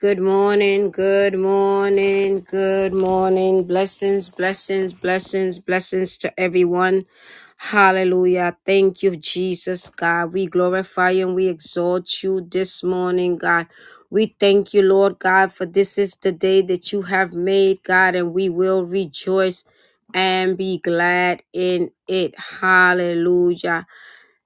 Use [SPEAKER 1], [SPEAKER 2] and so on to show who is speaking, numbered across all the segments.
[SPEAKER 1] Good morning, good morning, good morning. Blessings, blessings, blessings, blessings to everyone. Hallelujah. Thank you, Jesus, God. We glorify you and we exalt you this morning, God. We thank you, Lord God, for this is the day that you have made, God, and we will rejoice and be glad in it. Hallelujah.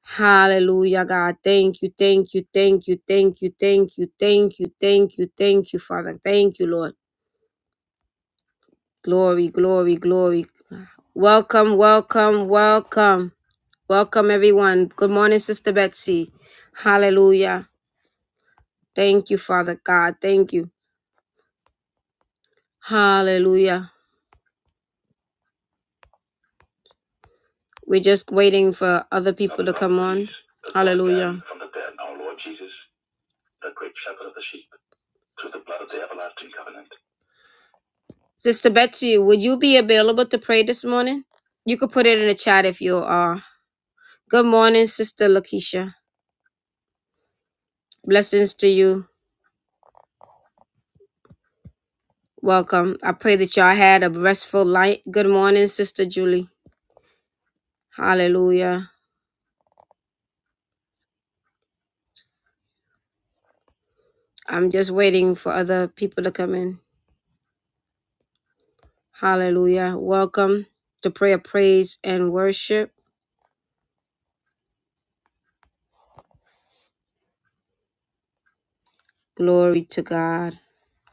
[SPEAKER 1] Hallelujah, God. Thank you, thank you, thank you, thank you, thank you, thank you, thank you, thank you, Father. Thank you, Lord. Glory, glory, glory. Welcome, welcome, welcome. Welcome, everyone. Good morning, Sister Betsy. Hallelujah. Thank you, Father God. Thank you. Hallelujah. We're just waiting for other people to come on. Hallelujah. Sister Betsy, would you be available to pray this morning? You could put it in the chat if you are. Good morning, Sister Lakeisha. Blessings to you. Welcome. I pray that y'all had a restful night. Good morning, Sister Julie. Hallelujah. I'm just waiting for other people to come in. Hallelujah. Welcome to prayer, praise, and worship. Glory to God.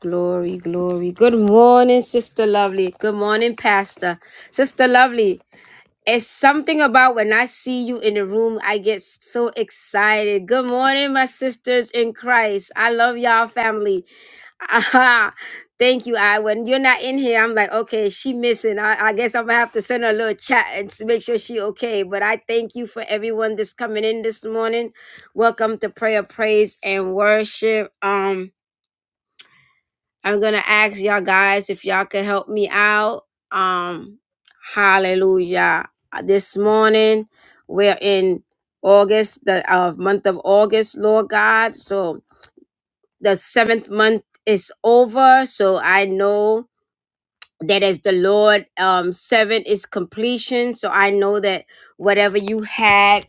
[SPEAKER 1] Glory, glory. Good morning, Sister Lovely. Good morning, Pastor. Sister Lovely, It's something about when I see you in the room, I get so excited. Good morning, my sisters in Christ. I love y'all family. Aha. Thank you, I. When you're not in here, I'm like, okay, she missing. I, I guess I'm gonna have to send her a little chat and s- make sure she okay. But I thank you for everyone that's coming in this morning. Welcome to prayer, praise, and worship. Um, I'm gonna ask y'all guys if y'all can help me out. Um, hallelujah. Uh, This morning we're in August, the uh, month of August, Lord God. So the seventh month is over. So I know that as the Lord um seven is completion. So I know that whatever you had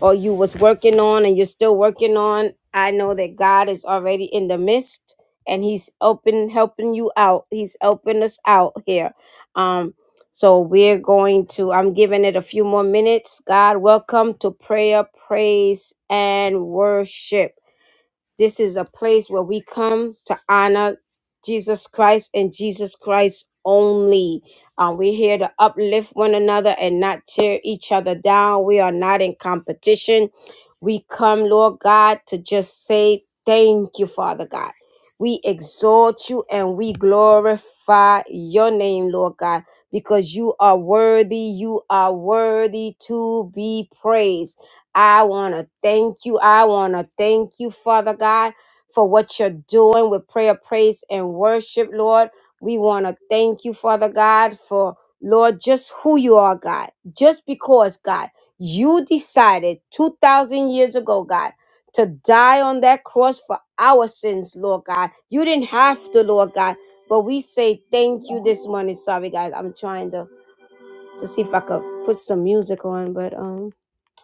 [SPEAKER 1] or you was working on and you're still working on, I know that God is already in the midst and He's open helping you out. He's helping us out here. Um so we're going to I'm giving it a few more minutes. God, welcome to prayer, praise, and worship. This is a place where we come to honor Jesus Christ and Jesus Christ only. Uh, we're here to uplift one another and not tear each other down. We are not in competition. We come, Lord God, to just say thank you, Father God. We exalt you and we glorify your name, Lord God, because you are worthy. You are worthy to be praised. I want to thank you. I want to thank you, Father God, for what you're doing with prayer, praise, and worship, Lord. We want to thank you, Father God, for, Lord, just who you are, God. Just because, God, you decided 2,000 years ago, God, to die on that cross for our sins, Lord God. You didn't have to, Lord God. But we say thank you this morning. Sorry, guys. I'm trying to to see if I could put some music on, but um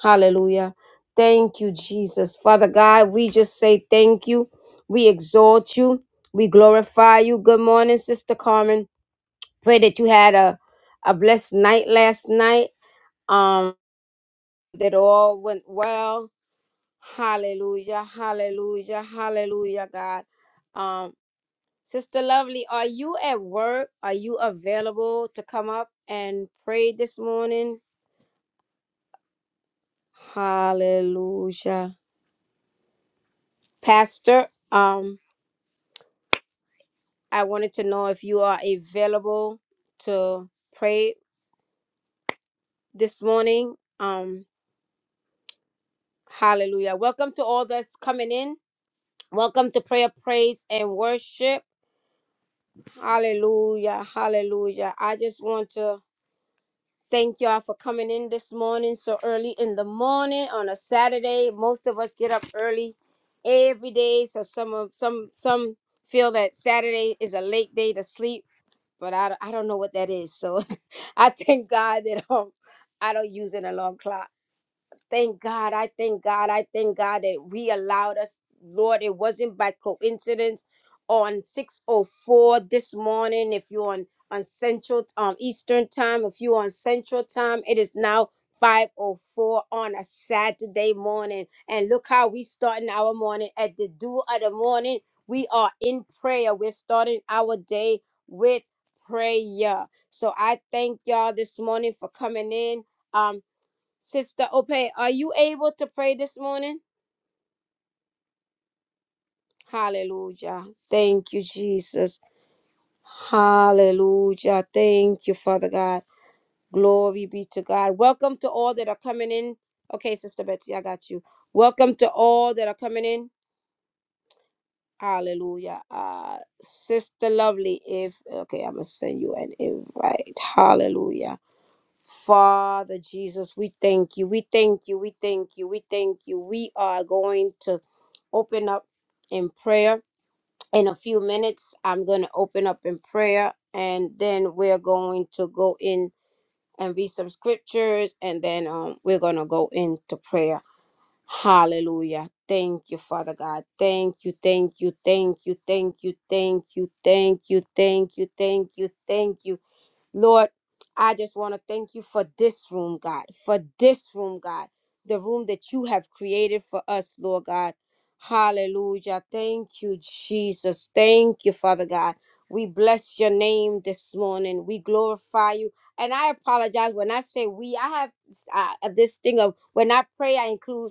[SPEAKER 1] hallelujah. Thank you, Jesus. Father God, we just say thank you. We exalt you. We glorify you. Good morning, Sister Carmen. Pray that you had a, a blessed night last night. Um, that all went well. Hallelujah. Hallelujah. Hallelujah, God. Um, Sister Lovely, are you at work? Are you available to come up and pray this morning? Hallelujah. Pastor, um, I wanted to know if you are available to pray this morning. Um, hallelujah. Welcome to all that's coming in. Welcome to prayer, praise, and worship. Hallelujah. Hallelujah. I just want to thank y'all for coming in this morning so early in the morning on a Saturday. Most of us get up early every day. So some of some some feel that Saturday is a late day to sleep but I, I don't know what that is. So I thank God that um, I don't use an alarm clock thank God. I thank God. I thank God that we allowed us, Lord. It wasn't by coincidence. On 604 this morning, if you're on, on Central um Eastern time, if you're on Central time, it is now 504 on a Saturday morning. And look how we starting our morning at the dew of the morning. We are in prayer. We're starting our day with prayer. So I thank y'all this morning for coming in. Um, Sister Opay, are you able to pray this morning? Hallelujah. Thank you, Jesus. Hallelujah. Thank you, Father God. Glory be to God. Welcome to all that are coming in. Okay, Sister Betsy, I got you. Welcome to all that are coming in. Hallelujah. Uh, Sister Lovely, if okay, I'm gonna send you an invite. Hallelujah. Father Jesus, we thank you. We thank you. We thank you. We thank you. We are going to open up in prayer. In a few minutes, I'm going to open up in prayer and then we're going to go in and read some scriptures and then um, we're going to go into prayer. Hallelujah. Thank you, Father God. Thank you, thank you, thank you, thank you, thank you, thank you, thank you, thank you, thank you. Lord, I just want to thank you for this room, God, for this room, God, the room that you have created for us, Lord God. Hallelujah. Thank you, Jesus. Thank you, Father God. We bless your name this morning. We glorify you. And I apologize when I say we, I have uh, this thing of when I pray, I include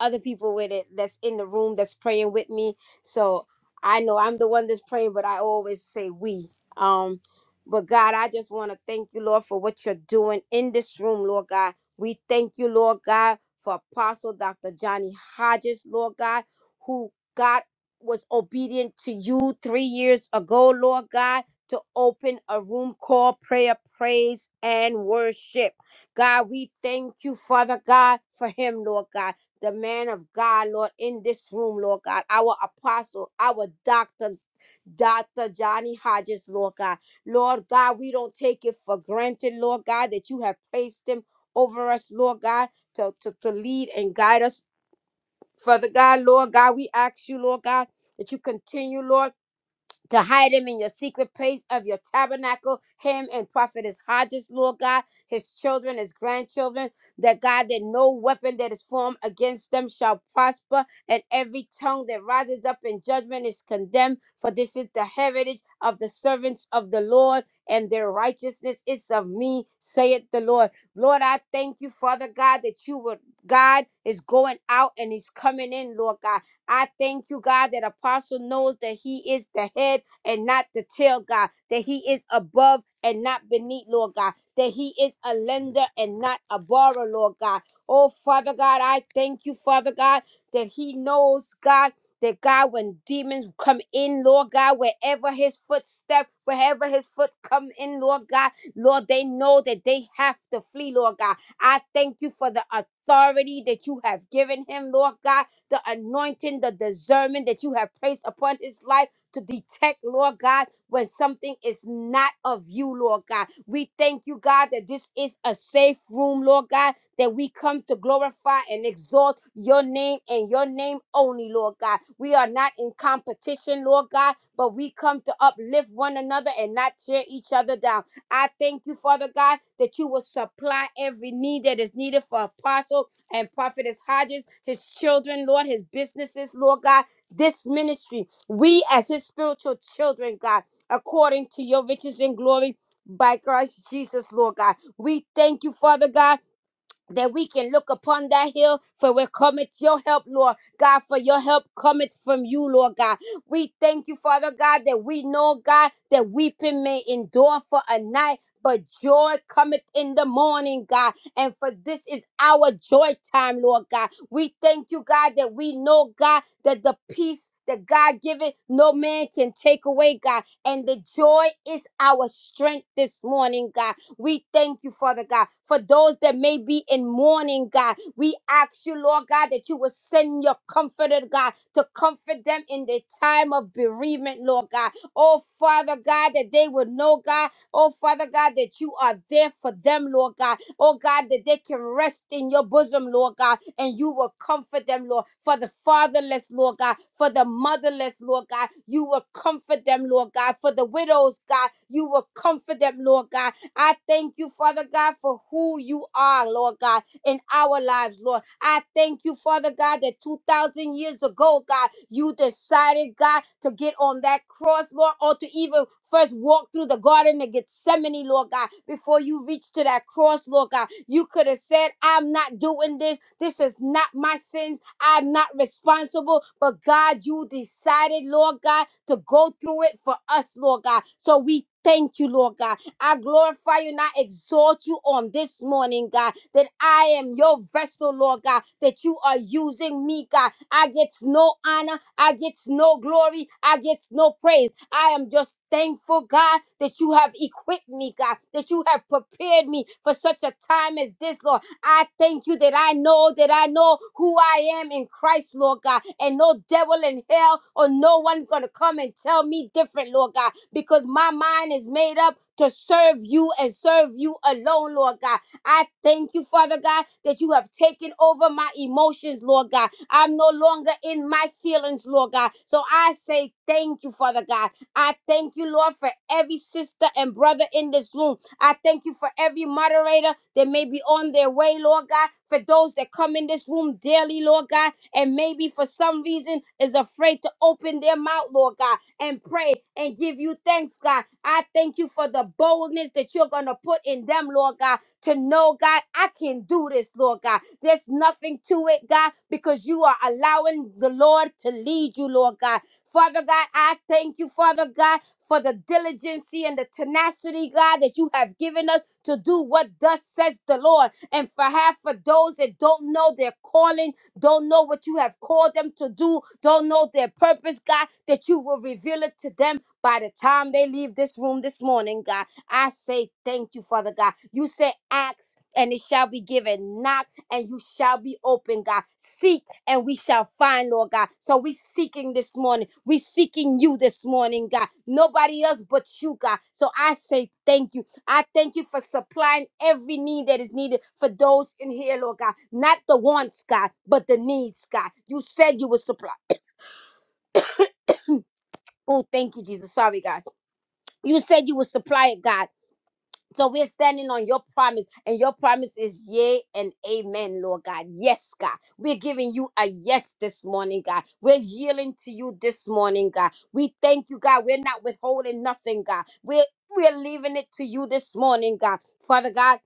[SPEAKER 1] other people with it that's in the room that's praying with me. So I know I'm the one that's praying, but I always say we. Um, but God, I just want to thank you, Lord, for what you're doing in this room, Lord God. We thank you, Lord God, for Apostle Dr. Johnny Hodges, Lord God, who God was obedient to you three years ago, Lord God, to open a room called prayer, praise, and worship. God, we thank you, Father God, for him, Lord God the man of God, Lord, in this room, Lord God, our apostle, our doctor, Dr. Johnny Hodges, Lord God. Lord God, we don't take it for granted, Lord God, that you have placed him over us, Lord God, to, to, to lead and guide us. Father God, Lord God, we ask you, Lord God, that you continue, Lord to hide him in your secret place of your tabernacle, him and prophetess Hodges, Lord God, his children, his grandchildren, that God, that no weapon that is formed against them shall prosper, and every tongue that rises up in judgment is condemned. For this is the heritage of the servants of the Lord, and their righteousness is of me, saith the Lord. Lord, I thank you, Father God, that you would, God is going out and he's coming in, Lord God. I thank you, God, that Apostle knows that he is the head and not to tell God, that He is above and not beneath, Lord God, that He is a lender and not a borrower, Lord God. Oh, Father God, I thank you, Father God, that He knows, God. That God, when demons come in, Lord God, wherever his footstep, wherever his foot come in, Lord God, Lord, they know that they have to flee, Lord God. I thank you for the authority that you have given him, Lord God, the anointing, the discernment that you have placed upon his life to detect, Lord God, when something is not of you, Lord God. We thank you, God, that this is a safe room, Lord God, that we come to glorify and exalt your name and your name only, Lord God. We are not in competition, Lord God, but we come to uplift one another and not tear each other down. I thank you, Father God, that you will supply every need that is needed for Apostle and Prophetess Hodges, his children, Lord, his businesses, Lord God, this ministry. We, as his spiritual children, God, according to your riches and glory by Christ Jesus, Lord God, we thank you, Father God that we can look upon that hill, for where cometh your help, Lord God, for your help cometh from you, Lord God. We thank you, Father God, that we know, God, that weeping may endure for a night. But joy cometh in the morning, God. And for this is our joy time, Lord God. We thank you, God, that we know, God, that the peace that God giveth, no man can take away, God. And the joy is our strength this morning, God. We thank you, Father God, for those that may be in mourning, God. We ask you, Lord God, that you will send your comforter, God, to comfort them in the time of bereavement, Lord God. Oh, Father God, that they would know, God, oh, Father God, that you are there for them, Lord God. Oh, God, that they can rest in your bosom, Lord God, and you will comfort them, Lord. For the fatherless, Lord God, for the motherless, Lord God, you will comfort them, Lord God. For the widows, God, you will comfort them, Lord God. I thank you, Father God, for who you are, Lord God, in our lives, Lord. I thank you, Father God, that 2,000 years ago, God, you decided, God, to get on that cross, Lord, or to even first walk through the garden of Gethsemane, Lord God, before you reached to that cross, Lord God. You could have said, I'm not doing this. This is not my sins. I'm not responsible. But God, you decided, Lord God, to go through it for us, Lord God. So we Thank you, Lord God. I glorify you and I exalt you on this morning, God, that I am your vessel, Lord God, that you are using me, God. I get no honor, I get no glory, I get no praise. I am just thankful, God, that you have equipped me, God, that you have prepared me for such a time as this, Lord. I thank you that I know that I know who I am in Christ, Lord God. And no devil in hell or no one's going to come and tell me different, Lord God, because my mind is made up to serve you and serve you alone, Lord God. I thank you, Father God, that you have taken over my emotions, Lord God. I'm no longer in my feelings, Lord God. So I say thank you, Father God. I thank you, Lord, for every sister and brother in this room. I thank you for every moderator that may be on their way, Lord God, for those that come in this room daily, Lord God, and maybe for some reason is afraid to open their mouth, Lord God and pray and give you thanks, God. I thank you for the boldness that you're going to put in them, Lord God, to know, God, I can do this, Lord God. There's nothing to it, God, because you are allowing the Lord to lead you, Lord God. Father God, I thank you, Father God, for the diligency and the tenacity, God, that you have given us to do what thus says the Lord. And for half of those that don't know their calling, don't know what you have called them to do, don't know their purpose, God, that you will reveal it to them by the time they leave this room this morning, God. I say thank you, Father God. You say, ask and it shall be given, knock and you shall be open, God. Seek and we shall find, Lord God. So we seeking this morning. We seeking you this morning, God. Nobody else but you, God. So I say thank you. I thank you for supplying every need that is needed for those in here, Lord God. Not the wants, God, but the needs, God. You said you would supply. Oh, thank you, Jesus. Sorry, God. You said you would supply it, God. So we're standing on your promise, and your promise is yea and amen, Lord God. Yes, God. We're giving you a yes this morning, God. We're yielding to you this morning, God. We thank you, God. We're not withholding nothing, God. We're we're leaving it to you this morning, God. Father God,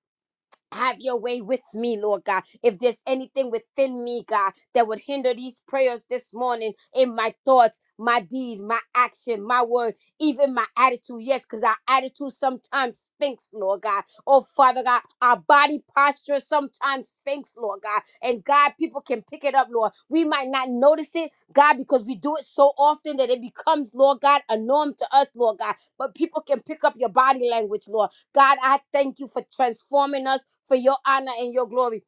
[SPEAKER 1] Have your way with me, Lord God. If there's anything within me, God, that would hinder these prayers this morning in my thoughts, my deed, my action, my word, even my attitude, yes, because our attitude sometimes stinks, Lord God. Oh, Father God, our body posture sometimes stinks, Lord God. And God, people can pick it up, Lord. We might not notice it, God, because we do it so often that it becomes, Lord God, a norm to us, Lord God. But people can pick up your body language, Lord God, I thank you for transforming us for your honor and your glory.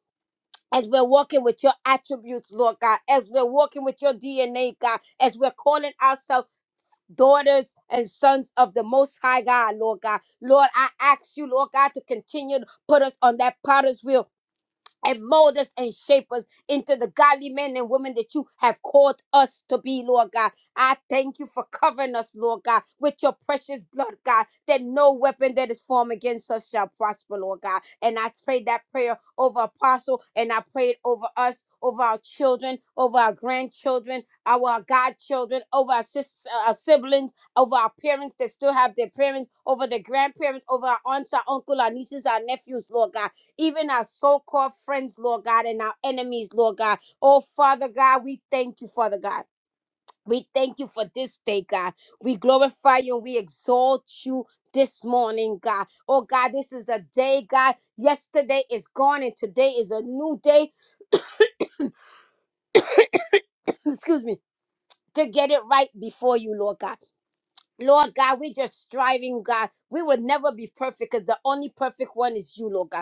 [SPEAKER 1] As we're walking with your attributes, Lord God, as we're walking with your DNA, God, as we're calling ourselves daughters and sons of the Most High God, Lord God. Lord, I ask you, Lord God, to continue to put us on that potter's wheel and mold us and shape us into the godly men and women that you have called us to be, Lord God. I thank you for covering us, Lord God, with your precious blood, God, that no weapon that is formed against us shall prosper, Lord God. And I pray that prayer over Apostle, and I pray it over us, over our children, over our grandchildren, our godchildren, over our, sis- our siblings, over our parents that still have their parents, over the grandparents, over our aunts, our uncle, our nieces, our nephews, Lord God even our so called friends, Lord God, and our enemies, Lord God. Oh, Father God, we thank you, Father God. We thank you for this day, God. We glorify you and we exalt you this morning, God. Oh, God, this is a day, God. Yesterday is gone and today is a new day, excuse me, to get it right before you, Lord God. Lord God, we just striving, God. We will never be perfect because the only perfect one is you, Lord God.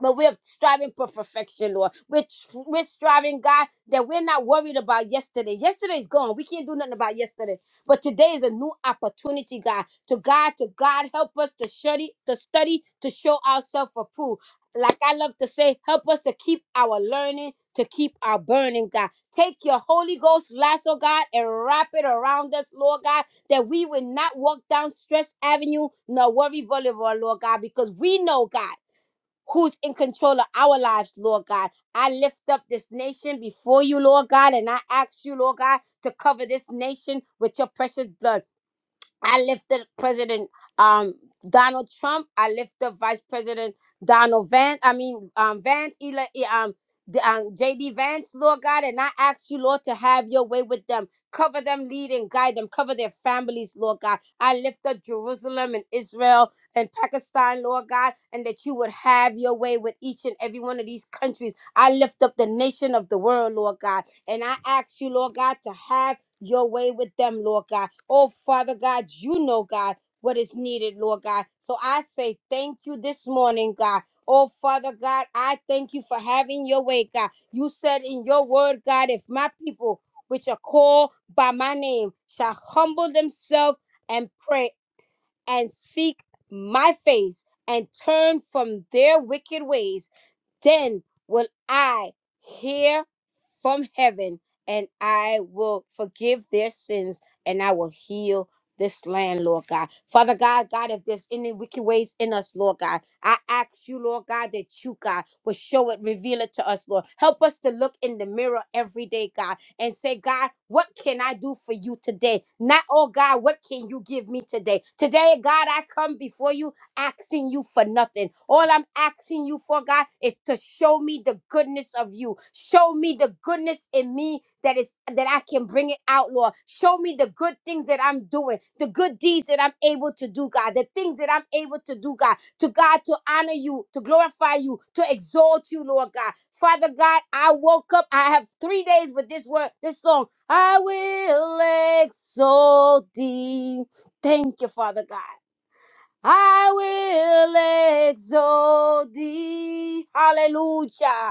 [SPEAKER 1] but we're striving for perfection, Lord. We're, tr- we're striving, God, that we're not worried about yesterday. Yesterday's gone. We can't do nothing about yesterday. But today is a new opportunity, God. To God, to God, help us to study, to study, to show ourselves approved. Like I love to say, help us to keep our learning, to keep our burning, God. Take your Holy Ghost lasso, God, and wrap it around us, Lord God, that we will not walk down Stress Avenue nor worry Boulevard, Lord God, because we know, God who's in control of our lives, Lord God. I lift up this nation before you, Lord God, and I ask you, Lord God, to cover this nation with your precious blood. I lifted President um Donald Trump. I lifted Vice President Donald Vance. I mean um Vance, Eli, E- um, D- um JD Vance, Lord God, and I ask you, Lord, to have your way with them. Cover them, lead and guide them. Cover their families, Lord God. I lift up Jerusalem and Israel and Pakistan, Lord God, and that you would have your way with each and every one of these countries. I lift up the nation of the world, Lord God, and I ask you, Lord God, to have your way with them, Lord God. Oh, Father God, you know, God, what is needed, Lord God. So I say thank you this morning, God. Oh, Father God, I thank you for having your way, God. You said in your word, God, if my people, which are called by my name, shall humble themselves and pray and seek my face and turn from their wicked ways, then will I hear from heaven, and I will forgive their sins and I will heal this land, Lord God. Father God, God, if there's any wicked ways in us, Lord God, I ask you, Lord God, that you, God, will show it, reveal it to us, Lord. Help us to look in the mirror every day, God, and say, God, what can I do for you today? Not, oh God, what can you give me today? Today, God, I come before you asking you for nothing. All I'm asking you for, God, is to show me the goodness of you. Show me the goodness in me that is that I can bring it out, Lord. Show me the good things that I'm doing, the good deeds that I'm able to do, God, the things that I'm able to do, God, to God to honor you, to glorify you, to exalt you, Lord God. Father God, I woke up. I have three days with this word, this song. I will exalt thee. Thank you, Father God. I will exalt thee. Hallelujah.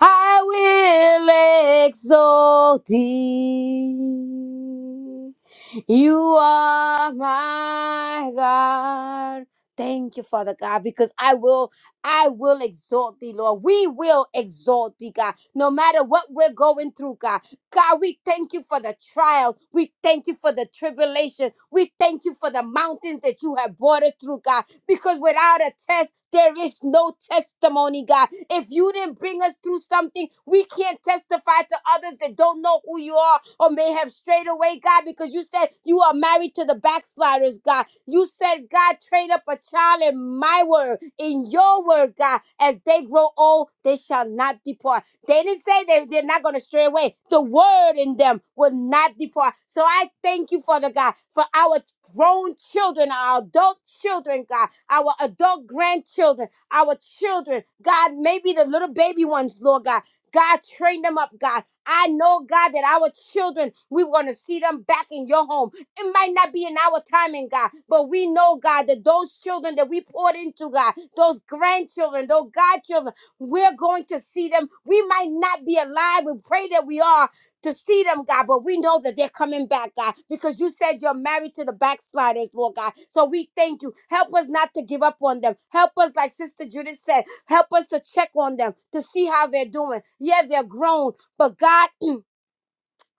[SPEAKER 1] I will exalt thee. You are my God. Thank you, Father God, because I will, I will exalt thee, Lord. We will exalt thee, God, no matter what we're going through, God. God, we thank you for the trial. We thank you for the tribulation. We thank you for the mountains that you have brought us through, God because without a test, there is no testimony, God. If you didn't bring us through something, we can't testify to others that don't know who you are or may have strayed away, God, because you said you are married to the backsliders, God. You said, God, train up a child in my word, in your word, God. As they grow old, they shall not depart. They didn't say they, they're not going to stray away. The word in them will not depart. So I thank you, Father God, for our grown children, our adult children, God, our adult grandchildren, our children, God, maybe the little baby ones, Lord God. God, train them up, God. I know, God, that our children, we we're going to see them back in your home. It might not be in our timing, God, but we know, God, that those children that we poured into, God, those grandchildren, those godchildren. We're going to see them. We might not be alive. We pray that we are to see them, God, but we know that they're coming back, God, because you said you're married to the backsliders, Lord God. So we thank you. Help us not to give up on them. Help us, like Sister Judith said, help us to check on them to see how they're doing. Yeah, they're grown, but God.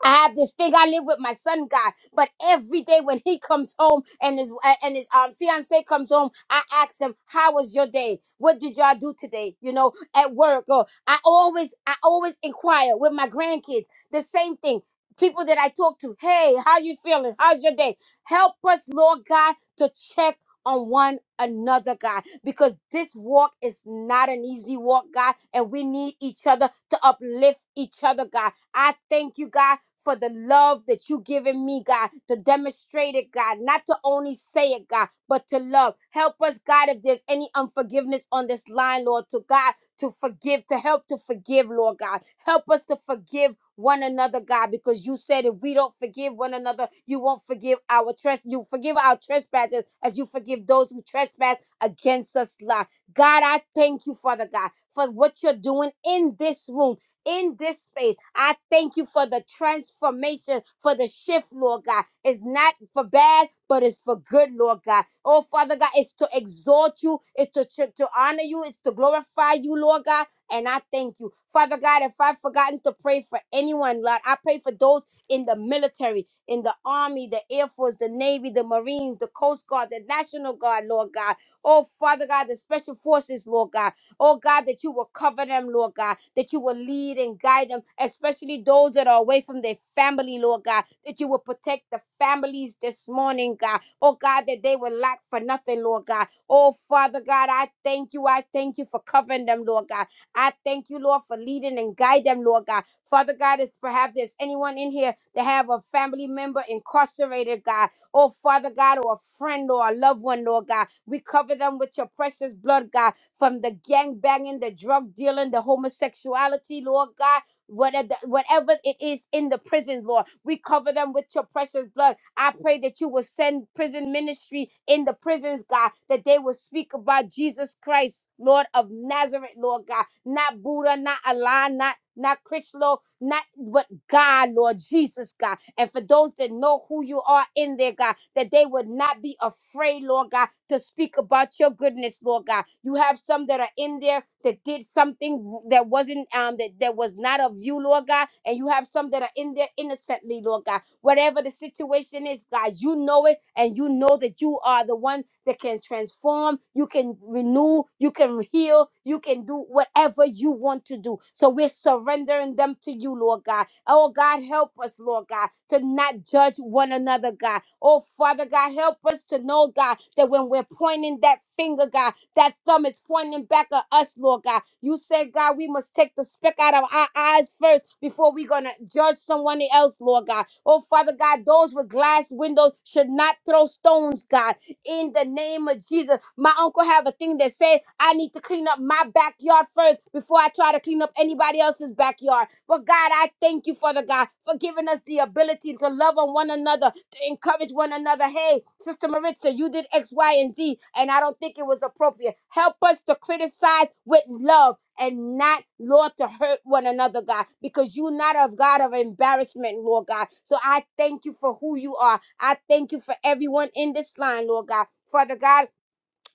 [SPEAKER 1] I have this thing I live with my son, God. But every day when he comes home and his uh, and his um fiance comes home, I ask him, "How was your day? What did y'all do today? You know, at work?" Or I always I always inquire with my grandkids the same thing. People that I talk to, "Hey, how you feeling? How's your day?" Help us, Lord God, to check on one another, God, because this walk is not an easy walk, God, and we need each other to uplift each other, God. I thank you, God, for the love that you given me, God, to demonstrate it, God, not to only say it, God, but to love. Help us, God, if there's any unforgiveness on this line, Lord, to God, to forgive, to help to forgive, Lord God. Help us to forgive one another, God, because you said if we don't forgive one another, you won't forgive our tress. You forgive our trespasses as you forgive those who trespass against us, Lord. God, I thank you, Father God, for what you're doing in this room in this space. I thank you for the transformation, for the shift, Lord God. It's not for bad, but it's for good, Lord God. Oh, Father God, it's to exalt you, it's to, to, to honor you, it's to glorify you, Lord God. And I thank you. Father God, if I've forgotten to pray for anyone, Lord, I pray for those in the military, in the Army, the Air Force, the Navy, the Marines, the Coast Guard, the National Guard, Lord God. Oh, Father God, the Special Forces, Lord God. Oh God, that you will cover them, Lord God, that you will lead and guide them, especially those that are away from their family, Lord God, that you will protect the families this morning, God. Oh God, that they will lack for nothing, Lord God. Oh Father God, I thank you. I thank you for covering them, Lord God. I thank you, Lord, for leading and guide them, Lord God. Father God, is perhaps there's anyone in here that have a family member incarcerated, God. Oh, Father God, or a friend or a loved one, Lord God. We cover them with your precious blood, God, from the gang banging, the drug dealing, the homosexuality, Lord God. Whatever, whatever it is in the prison, Lord, we cover them with your precious blood. I pray that you will send prison ministry in the prisons, God, that they will speak about Jesus Christ, Lord of Nazareth, Lord God. Not Buddha, not Allah, not not Krishna, not but God, Lord Jesus, God. And for those that know who you are in there, God, that they would not be afraid, Lord God, to speak about your goodness, Lord God. You have some that are in there that did something that wasn't um that, that was not of you, Lord God, and you have some that are in there innocently, Lord God. Whatever the situation is, God, you know it, and you know that you are the one that can transform, you can renew, you can heal, you can do whatever you want to do. So we're surrendering them to you, Lord God. Oh, God, help us, Lord God, to not judge one another, God. Oh, Father God, help us to know, God, that when we're pointing that finger, God, that thumb is pointing back at us, Lord God. You said, God, we must take the speck out of our eyes first before we're going to judge someone else, Lord God. Oh, Father God, those with glass windows should not throw stones, God, in the name of Jesus. My uncle have a thing that say, I need to clean up my backyard first before I try to clean up anybody else's backyard. But God, I thank you, Father God, for giving us the ability to love on one another to encourage one another. Hey, Sister Maritza, you did X, Y, and Z, and I don't think it was appropriate. Help us to criticize with love and not, Lord, to hurt one another, God, because you're not a God of embarrassment, Lord God. So I thank you for who you are. I thank you for everyone in this line, Lord God. Father God,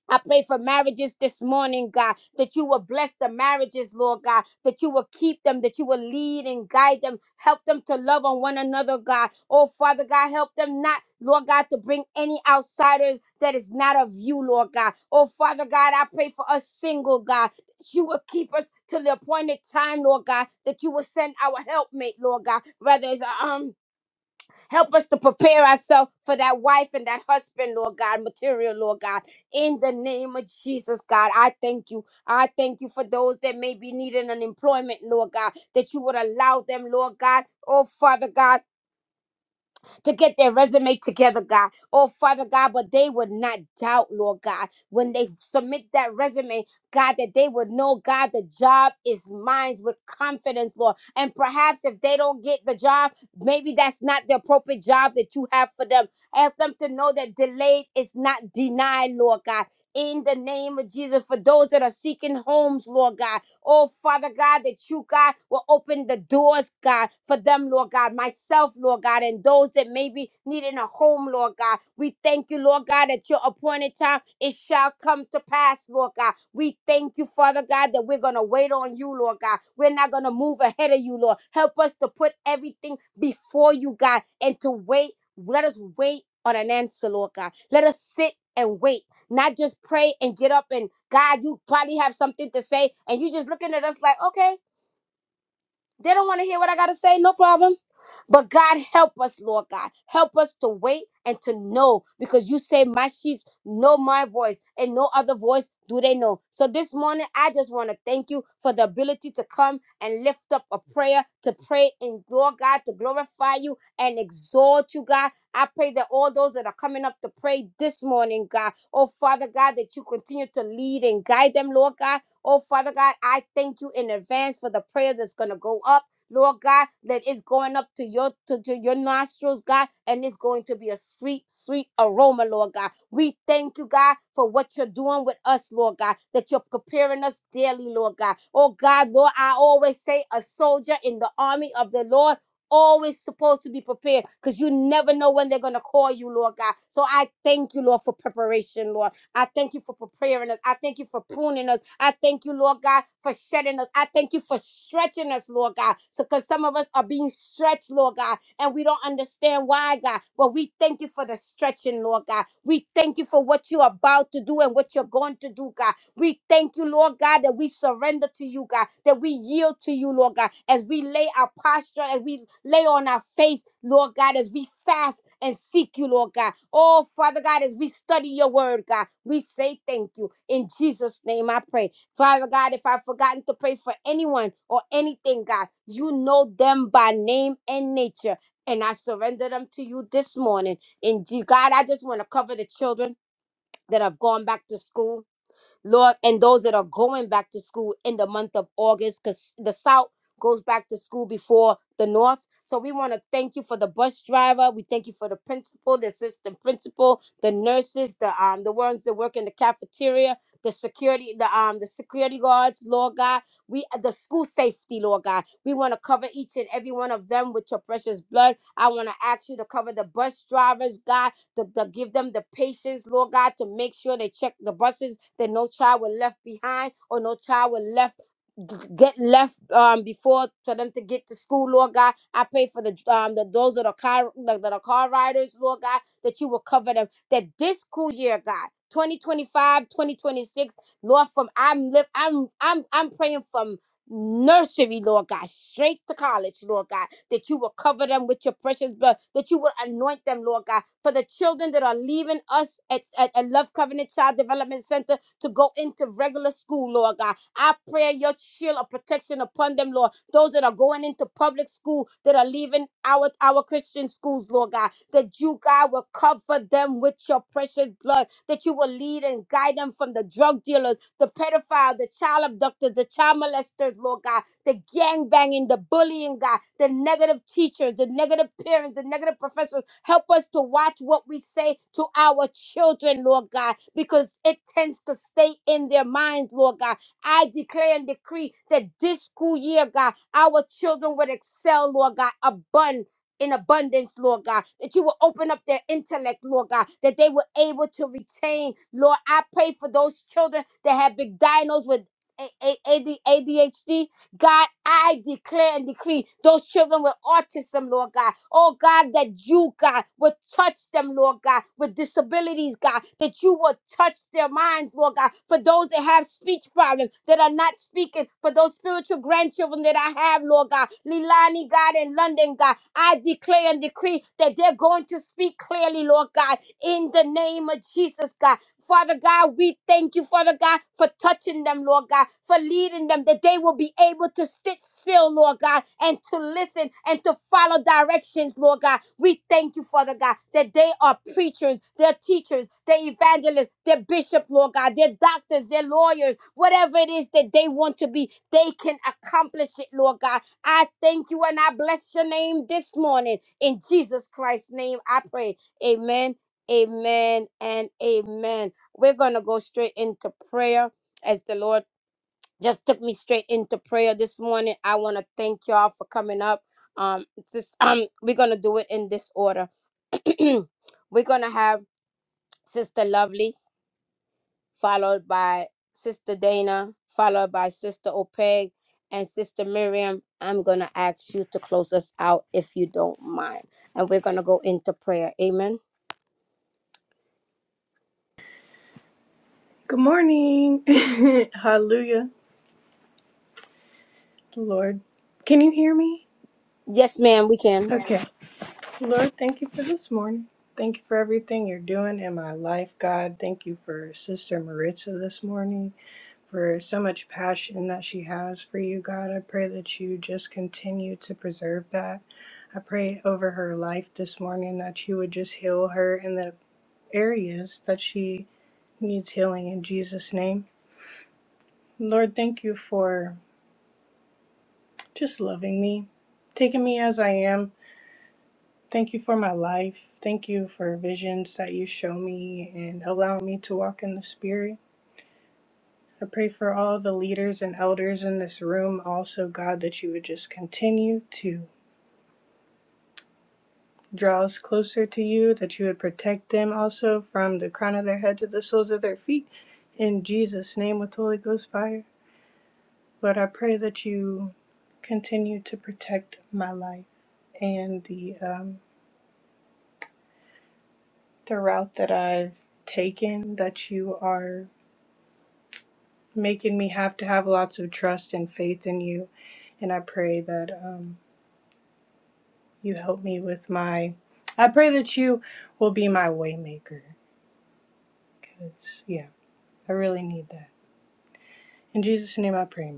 [SPEAKER 1] I pray for marriages this morning, God, that you will bless the marriages, Lord God, that you will keep them, that you will lead and guide them, help them to love on one another, God. Oh, Father God, help them not, Lord God, to bring any outsiders that is not of you, Lord God. Oh, Father God, I pray for us single, God, that you will keep us till the appointed time, Lord God, that you will send our helpmate, Lord God, whether it's a, um Help us to prepare ourselves for that wife and that husband, Lord God, material, Lord God. In the name of Jesus, God, I thank you. I thank you for those that may be needing an employment, Lord God, that you would allow them, Lord God. Oh, Father God to get their resume together, God. Oh, Father God, but they would not doubt, Lord God, when they submit that resume, God, that they would know, God, the job is mine with confidence, Lord. And perhaps if they don't get the job, maybe that's not the appropriate job that you have for them. Help them to know that delayed is not denied, Lord God. In the name of Jesus, for those that are seeking homes, Lord God, Oh, Father God, that you, God, will open the doors, God, for them, Lord God, myself, Lord God, and those that may be needing a home, Lord God. We thank you, Lord God, that your appointed time, it shall come to pass, Lord God. We thank you, Father God, that we're going to wait on you, Lord God. We're not going to move ahead of you, Lord. Help us to put everything before you, God, and to wait. Let us wait on an answer, Lord God. Let us sit and wait not just pray and get up and God, you probably have something to say, and you just looking at us like, okay, they don't want to hear what I got to say, no problem. But God, help us, Lord God. Help us to wait and to know because you say, My sheep know my voice, and no other voice do they know. So this morning, I just want to thank you for the ability to come and lift up a prayer, to pray in, Lord God, to glorify you and exalt you, God. I pray that all those that are coming up to pray this morning, God, oh Father God, that you continue to lead and guide them, Lord God Oh, Father God, I thank you in advance for the prayer that's going to go up. Lord God, that it's going up to your to, to your nostrils, God, and it's going to be a sweet, sweet aroma, Lord God. We thank you, God, for what you're doing with us, Lord God, that you're preparing us daily, Lord God. Oh God, Lord, I always say a soldier in the army of the Lord always supposed to be prepared because you never know when they're going to call you, Lord God. So I thank you, Lord, for preparation, Lord. I thank you for preparing us. I thank you for pruning us. I thank you, Lord God, for shedding us. I thank you for stretching us, Lord God. So, because some of us are being stretched, Lord God, and we don't understand why, God. But we thank you for the stretching, Lord God. We thank you for what you're about to do and what you're going to do, God. We thank you, Lord God, that we surrender to you, God, that we yield to you, Lord God, as we lay our posture, as we lay on our face, Lord God, as we fast and seek you, Lord God. Oh, Father God, as we study your word, God, we say thank you. In Jesus' name I pray. Father God, if I've forgotten to pray for anyone or anything, God, you know them by name and nature. And I surrender them to you this morning. And God, I just want to cover the children that have gone back to school. Lord, and those that are going back to school in the month of August, because the South goes back to school before the North. So we want to thank you for the bus driver. We thank you for the principal, the assistant principal, the nurses, the um the ones that work in the cafeteria, the security, the um the security guards, Lord God. We uh, the school safety, Lord God. We want to cover each and every one of them with your precious blood. I want to ask you to cover the bus drivers, God to, to give them the patience, Lord God, to make sure they check the buses, that no child were left behind or no child were left g- get left um before for them to get to school lord god i pray for the um the those that are car that that are car riders lord god that you will cover them that this school year god 2025, 2026, lord from i'm live i'm i'm i'm praying from nursery, Lord God, straight to college, Lord God, that you will cover them with your precious blood, that you will anoint them, Lord God, for the children that are leaving us at, at, at Love Covenant Child Development Center to go into regular school, Lord God. I pray your shield of protection upon them, Lord. Those that are going into public school, that are leaving our, our Christian schools, Lord God, that you, God, will cover them with your precious blood, that you will lead and guide them from the drug dealers the pedophile, the child abductors, the child molesters, Lord God, the gang banging, the bullying, God, the negative teachers, the negative parents, the negative professors. Help us to watch what we say to our children, Lord God, because it tends to stay in their minds, Lord God. I declare and decree that this school year, God, our children would excel, Lord God, abund in abundance, Lord God, that you will open up their intellect, Lord God, that they were able to retain. Lord, I pray for those children that have been diagnosed with a a a d a d h d. God, I declare and decree those children with autism, Lord God. Oh God, that you, God, would touch them, Lord God, with disabilities, God, that you would touch their minds, Lord God. For those that have speech problems, that are not speaking, for those spiritual grandchildren that I have, Lord God, Lilani, God, in London, God, I declare and decree that they're going to speak clearly, Lord God, in the name of Jesus, God. Father God, we thank you, Father God, for touching them, Lord God, for leading them, that they will be able to sit still, Lord God, and to listen and to follow directions, Lord God. We thank you, Father God, that they are preachers, they're teachers, they're evangelists, they're bishops, Lord God, they're doctors, they're lawyers, whatever it is that they want to be, they can accomplish it, Lord God. I thank you and I bless your name this morning. In Jesus Christ's name, I pray. Amen. Amen and amen. We're going to go straight into prayer as the Lord just took me straight into prayer this morning. I want to thank y'all for coming up. Um, just, um, we're going to do it in this order. we're going to have Sister Lovely, followed by Sister Dana, followed by Sister Opeg and Sister Miriam. I'm going to ask you to close us out if you don't mind. And we're going to go into prayer. Amen.
[SPEAKER 2] Good morning. Hallelujah, Lord. Can you hear me?
[SPEAKER 1] Yes, ma'am, we can.
[SPEAKER 2] Okay. Lord, thank you for this morning. Thank you for everything you're doing in my life, God. Thank you for Sister Maritza this morning, for so much passion that she has for you, God. I pray that you just continue to preserve that. I pray over her life this morning that you would just heal her in the areas that she needs healing in Jesus' name. Lord, thank you for just loving me, taking me as I am. Thank you for my life. Thank you for visions that you show me and allow me to walk in the Spirit. I pray for all the leaders and elders in this room, also, God, that you would just continue to draw us closer to you, that you would protect them also from the crown of their head to the soles of their feet. In Jesus' name, with Holy Ghost fire. But I pray that you continue to protect my life and the um, the route that I've taken that you are making me have to have lots of trust and faith in you. And I pray that um, you help me with my, I pray that you will be my waymaker because, yeah, I really need that. In Jesus' name I pray, amen.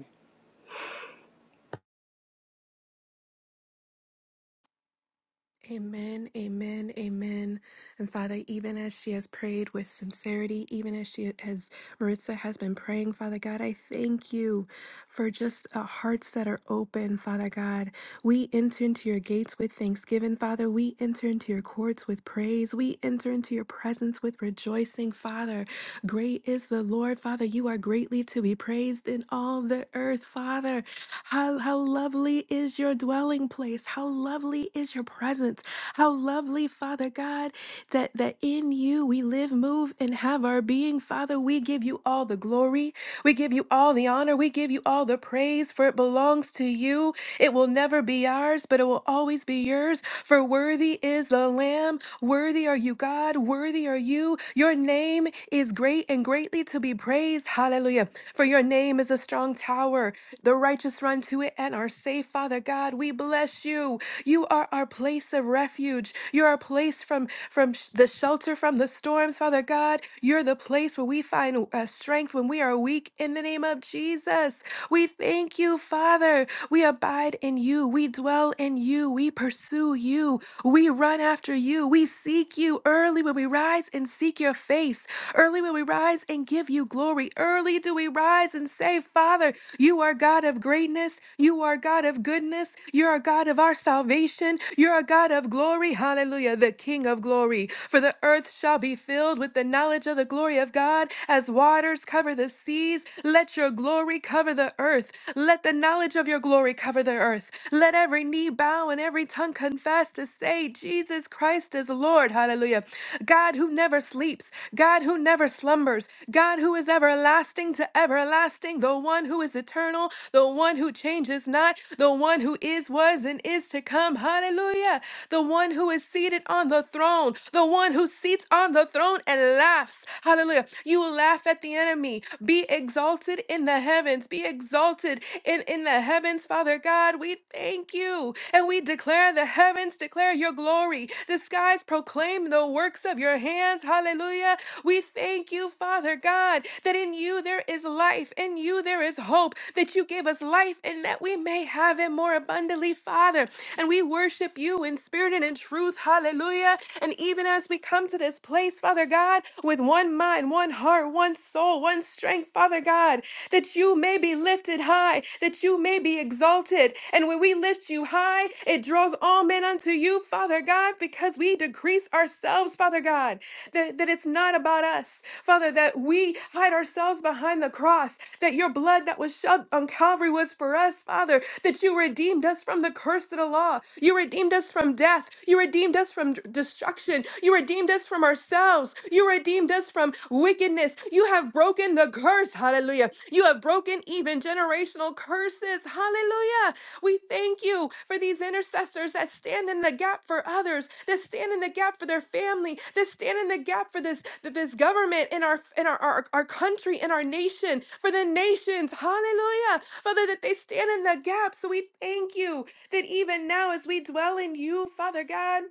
[SPEAKER 3] Amen, amen, amen. And Father, even as she has prayed with sincerity, even as she as Maritza has been praying, Father God, I thank you for just uh, hearts that are open, Father God. We enter into your gates with thanksgiving, Father. We enter into your courts with praise. We enter into your presence with rejoicing, Father. Great is the Lord, Father. You are greatly to be praised in all the earth, Father. How, how lovely is your dwelling place. How lovely is your presence. How lovely, Father God, that, that in you we live, move, and have our being. Father, we give you all the glory. We give you all the honor. We give you all the praise, for it belongs to you. It will never be ours, but it will always be yours. For worthy is the Lamb. Worthy are you, God. Worthy are you. Your name is great and greatly to be praised. Hallelujah. For your name is a strong tower. The righteous run to it and are safe, Father God. We bless you. You are our place of refuge. You're our place from from sh- the shelter from the storms, Father God. You're the place where we find uh, strength when we are weak. In the name of Jesus, we thank you, Father. We abide in you. We dwell in you. We pursue you. We run after you. We seek you early when we rise and seek your face. Early when we rise and give you glory. Early do we rise and say, Father, you are God of greatness. You are God of goodness. You are God God of our salvation. You're a God of glory. Hallelujah. The King of glory. For the earth shall be filled with the knowledge of the glory of God as waters cover the seas. Let your glory cover the earth. Let the knowledge of your glory cover the earth. Let every knee bow and every tongue confess to say, Jesus Christ is Lord. Hallelujah. God who never sleeps, God who never slumbers, God who is everlasting to everlasting, the one who is eternal, the one who changes not, the one who one who is, was, and is to come. Hallelujah. The one who is seated on the throne, the one who seats on the throne and laughs. Hallelujah. You will laugh at the enemy. Be exalted in the heavens. Be exalted in, in the heavens, Father God. We thank you. And we declare the heavens declare your glory. The skies proclaim the works of your hands. Hallelujah. We thank you, Father God, that in you there is life, in you there is hope, that you gave us life and that we may may have it more abundantly, Father. And we worship you in spirit and in truth. Hallelujah. And even as we come to this place, Father God, with one mind, one heart, one soul, one strength, Father God, that you may be lifted high, that you may be exalted. And when we lift you high, it draws all men unto you, Father God, because we decrease ourselves, Father God, that, that it's not about us, Father, that we hide ourselves behind the cross, that your blood that was shed on Calvary was for for us, Father, that you redeemed us from the curse of the law. You redeemed us from death. You redeemed us from d- destruction. You redeemed us from ourselves. You redeemed us from wickedness. You have broken the curse. Hallelujah. You have broken even generational curses. Hallelujah. We thank you for these intercessors that stand in the gap for others, that stand in the gap for their family, that stand in the gap for this th- this government in our in our our, our country in our nation, for the nations. Hallelujah. Father, that they stand in the gap. So we thank you that even now, as we dwell in you, Father God.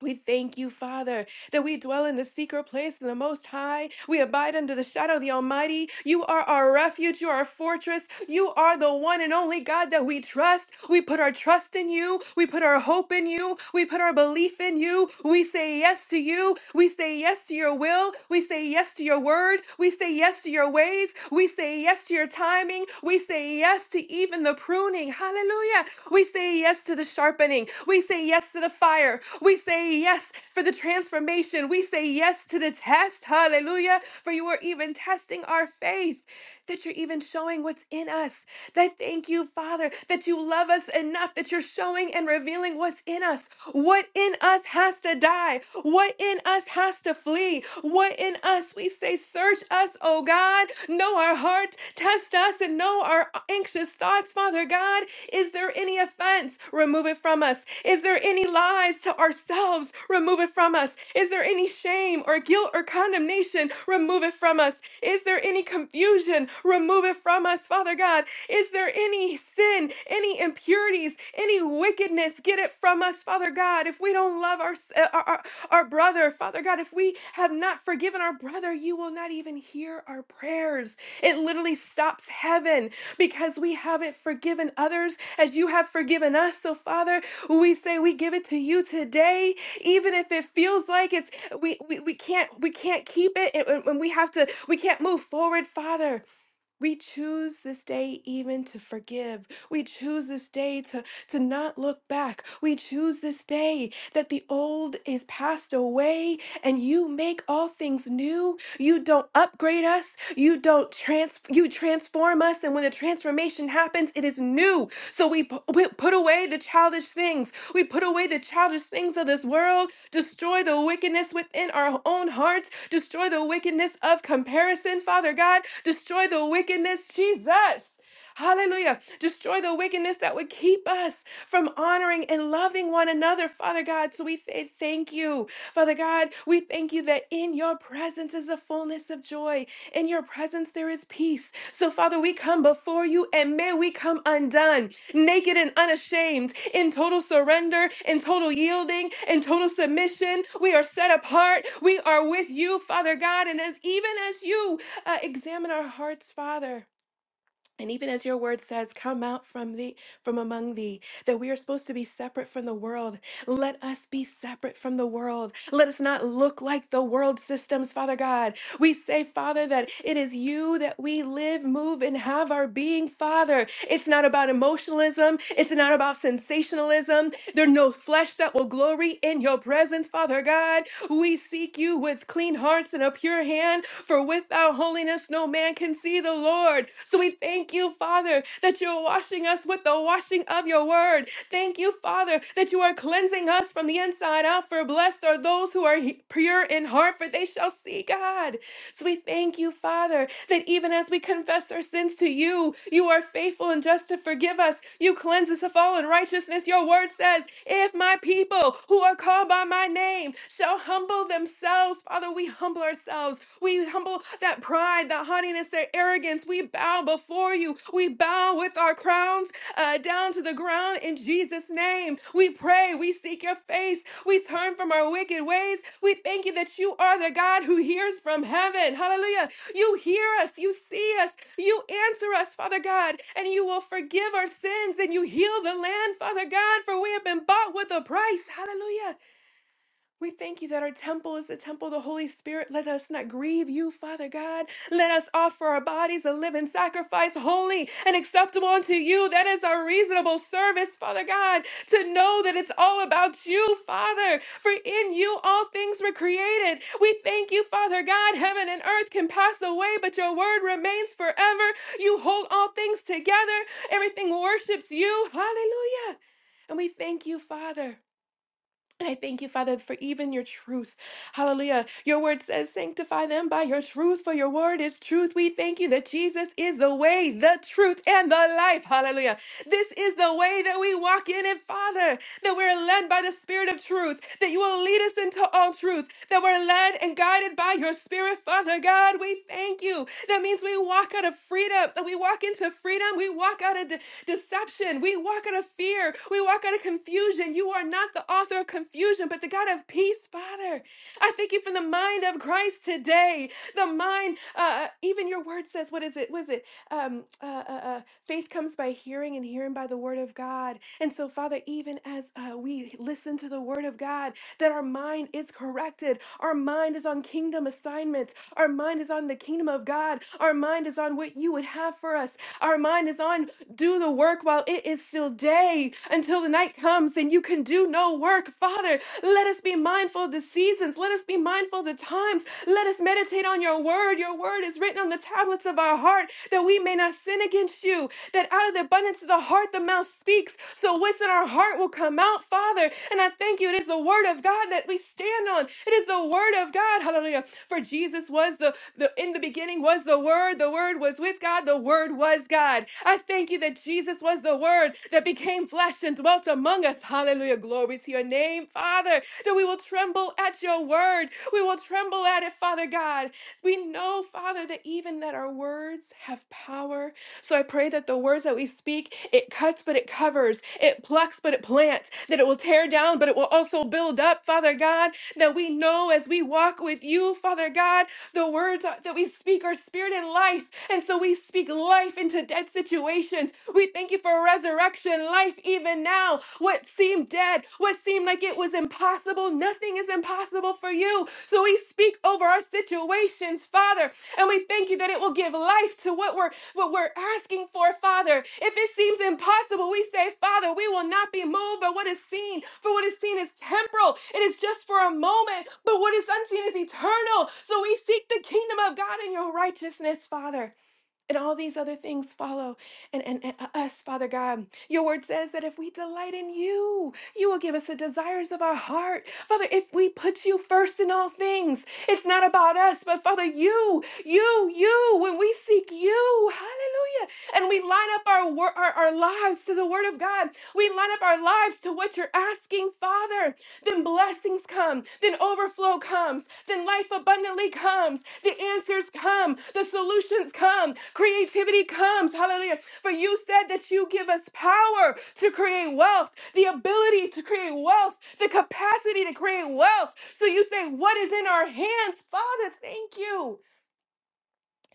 [SPEAKER 3] We thank you, Father, that we dwell in the secret place of the Most High. We abide under the shadow of the Almighty. You are our refuge. You are our fortress. You are the one and only God that we trust. We put our trust in you. We put our hope in you. We put our belief in you. We say yes to you. We say yes to your will. We say yes to your word. We say yes to your ways. We say yes to your timing. We say yes to even the pruning sharpening. Hallelujah. We say yes to the sharpening. We say yes to the fire. We say yes for the transformation. We say yes to the test. Hallelujah. For you are even testing our faith, that you're even showing what's in us. That thank you, Father, that you love us enough that you're showing and revealing what's in us. What in us has to die? What in us has to flee? What in us? we? we say, Search us, O God. Know our heart. Test us and know our anxious thoughts, Father God. Is there any offense? Remove it from us. Is there any lies to ourselves? Remove it from us. Is there any shame or guilt or condemnation? Remove it from us. Is there any confusion? Remove it from us, Father God. Is there any sin, any impurities, any wickedness? get it from us, Father God. If we don't love our, our, our our brother, Father God, if we have not forgiven our brother, you will not even hear our prayers. It literally stops heaven because we haven't forgiven others as you have forgiven us. So, Father, we say we give it to you today, even if it feels like it's we we, we can't we can't keep it and, and and we have to we can't move forward, Father. We choose this day even to forgive. We choose this day to, to not look back. We choose this day that the old is passed away and you make all things new. You don't upgrade us. You don't trans you transform us transform us. And when the transformation happens, it is new. So we, pu- we put away the childish things. We put away the childish things of this world, destroy the wickedness within our own hearts, destroy the wickedness of comparison, Father God, destroy the wickedness, Jesus. Hallelujah. Destroy the wickedness that would keep us from honoring and loving one another, Father God. So we say thank you. Father God, we thank you that in your presence is the fullness of joy. In your presence there is peace. So, Father, we come before you and may we come undone, naked and unashamed, in total surrender, in total yielding, in total submission. We are set apart. We are with you, Father God. And as even as you uh, examine our hearts, Father. And even as your word says, come out from thee, from among thee, that we are supposed to be separate from the world. Let us be separate from the world. Let us not look like the world systems, Father God. We say, Father, that it is you that we live, move, and have our being, Father. It's not about emotionalism, it's not about sensationalism. There's no flesh that will glory in your presence, Father God. We seek you with clean hearts and a pure hand, for without holiness no man can see the Lord. So we thank you, Father, that you're washing us with the washing of your word. Thank you, Father. Father, that you are cleansing us from the inside out. For blessed are those who are he- pure in heart, for they shall see God. So we thank you, Father, that even as we confess our sins to you, you are faithful and just to forgive us. You cleanse us of all unrighteousness. Your word says, If my people who are called by my name shall humble themselves, Father, we humble ourselves. We humble that pride, that haughtiness against their arrogance. We bow before you. We bow with our crowns uh, down to the ground in Jesus' name. We pray. We seek your face. We turn from our wicked ways. We thank you that you are the God who hears from heaven. Hallelujah. You hear us. You see us. You answer us, Father God, and you will forgive our sins and you heal the land, Father God, for we have been bought with a price. Hallelujah. We thank you that our temple is the temple of the Holy Spirit. Let us not grieve you, Father God. Let us offer our bodies a living sacrifice, holy and acceptable unto you. That is our reasonable service, Father God, to know that it's all about you, Father. For in you all things were created. We thank you, Father God. Heaven and earth can pass away, but your word remains forever. You hold all things together. Everything worships you. Hallelujah. And we thank you, Father. And I thank you, Father, for even your truth. Hallelujah. Your word says, Sanctify them by your truth, for your word is truth. We thank you that Jesus is the way, the truth, and the life. Hallelujah. This is the way that we walk in it, Father that we're led by the Spirit of truth, that you will lead us into all truth, that we're led and guided by your Spirit, Father God. We thank you. That means we walk out of freedom, we walk into freedom, we walk out of de- deception, we walk out of fear, we walk out of confusion. You are not the author of confusion, but the God of peace, Father. I thank you for the mind of Christ today. The mind, uh, uh, even your word says, what is it? Was it um, uh, uh, uh, faith comes by hearing and and hearing by the word of God. And so, Father, even as uh, we listen to the word of God, that our mind is corrected. Our mind is on kingdom assignments. Our mind is on the kingdom of God. Our mind is on what you would have for us. Our mind is on do the work while it is still day until the night comes and you can do no work. Father, let us be mindful of the seasons. Let us be mindful of the times. Let us meditate on your word. Your word is written on the tablets of our heart that we may not sin against you, that out of the abundance of the heart the mouth speaks. So what's in our heart will come out, Father. And I thank you. It is the word of God that we stand on. It is the word of God. Hallelujah. For Jesus was the, the in the beginning was the word. The word was with God. The word was God. I thank you that Jesus was the word that became flesh and dwelt among us. Hallelujah. Glory to your name, Father, that we will tremble at your word. We will tremble at it, Father God. We know, Father, that even that our words have power. So I pray that the words that we speak, it cuts but it covers, it plucks but it plants, that it will tear down but it will also build up, Father God, that we know as we walk with you, Father God, the words are- that we speak are spirit and life. And so we speak life into dead situations. We thank you for resurrection life even now. What seemed seemed dead, what seemed like it was impossible, nothing is impossible for you. So we speak over our situations, Father, and we thank you that it will give life to what we're what we're asking for, Father. If it seems impossible, we say, Father, we will not be moved by what is seen, for what is seen is temporal. It is just for a moment, but what is unseen is eternal. So we seek the kingdom of God and your righteousness, Father. And all these other things follow and, and, and uh, us, Father God. Your word says that if we delight in you, you will give us the desires of our heart. Father, if we put you first in all things, it's not about us, but Father, you, you, you, when we seek you, hallelujah. And we line up our, wor- our, our lives to the word of God. We line up our lives to what you're asking, Father. Then blessings come. Then overflow comes, then life abundantly comes, the answers come, the solutions come, creativity comes. Hallelujah. For you said that you give us power to create wealth, the ability to create wealth, the capacity to create wealth. So you say, What is in our hands? Father, thank you.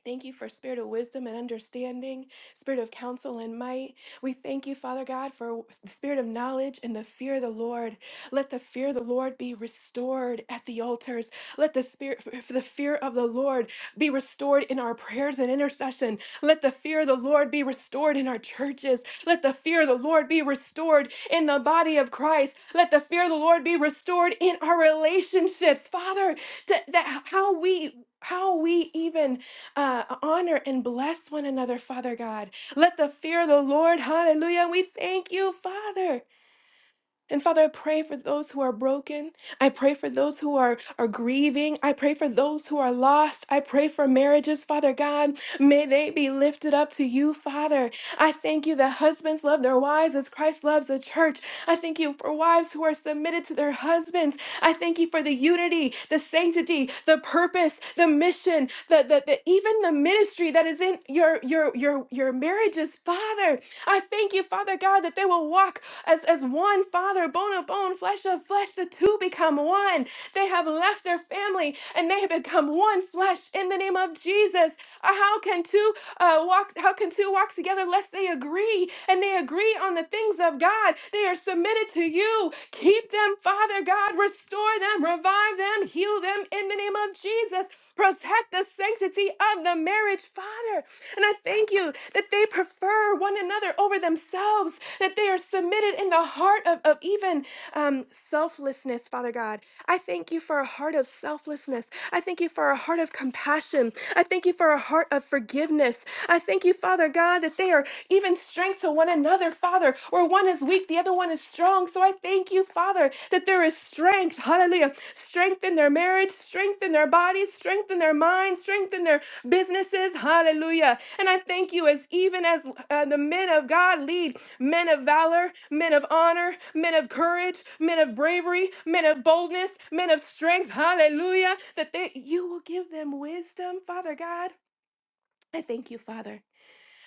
[SPEAKER 3] Thank you for spirit of wisdom and understanding, spirit of counsel and might. We thank you, Father God, for the spirit of knowledge and the fear of the Lord. Let the fear of the Lord be restored at the altars. Let the spirit for the fear of the Lord be restored in our prayers and intercession. Let the fear of the Lord be restored in our churches. Let the fear of the Lord be restored in the body of Christ. Let the fear of the Lord be restored in our relationships, Father. That, that how we how we even uh, honor and bless one another, Father God. Let the fear of the Lord, hallelujah. And We thank you, Father. And Father, I pray for those who are broken. I pray for those who are, are grieving. I pray for those who are lost. I pray for marriages, Father God. May they be lifted up to you, Father. I thank you that husbands love their wives as Christ loves the church. I thank you for wives who are submitted to their husbands. I thank you for the unity, the sanctity, the purpose, the mission, the, the, the even the ministry that is in your your your your marriages, Father. I thank you, Father God, that they will walk as, as one Father, bone of bone, flesh of flesh. The two become one. They have left their family and they have become one flesh in the name of Jesus. Uh, How can two uh, walk? how can two walk together lest they agree? And they agree on the things of God. They are submitted to you. Keep them, Father God. Restore them, revive them, heal them in the name of Jesus. Protect the sanctity of the marriage, Father. And I thank you that they prefer one another over themselves, that they are submitted in the heart of, of even um, selflessness, Father God. I thank you for a heart of selflessness. I thank you for a heart of compassion. I thank you for a heart of forgiveness forgiveness. I thank you, Father God, that they are even strength to one another, Father, where one is weak, the other one is strong. So I thank you, Father, that there is strength, hallelujah, strength in their marriage, strength in their bodies, strength in their minds, strength in their businesses, hallelujah. And I thank you as even as uh, the men of God lead men of valor, men of honor, men of courage, men of bravery, men of boldness, men of strength, hallelujah, that they, you will give them wisdom, Father God. I thank you, Father.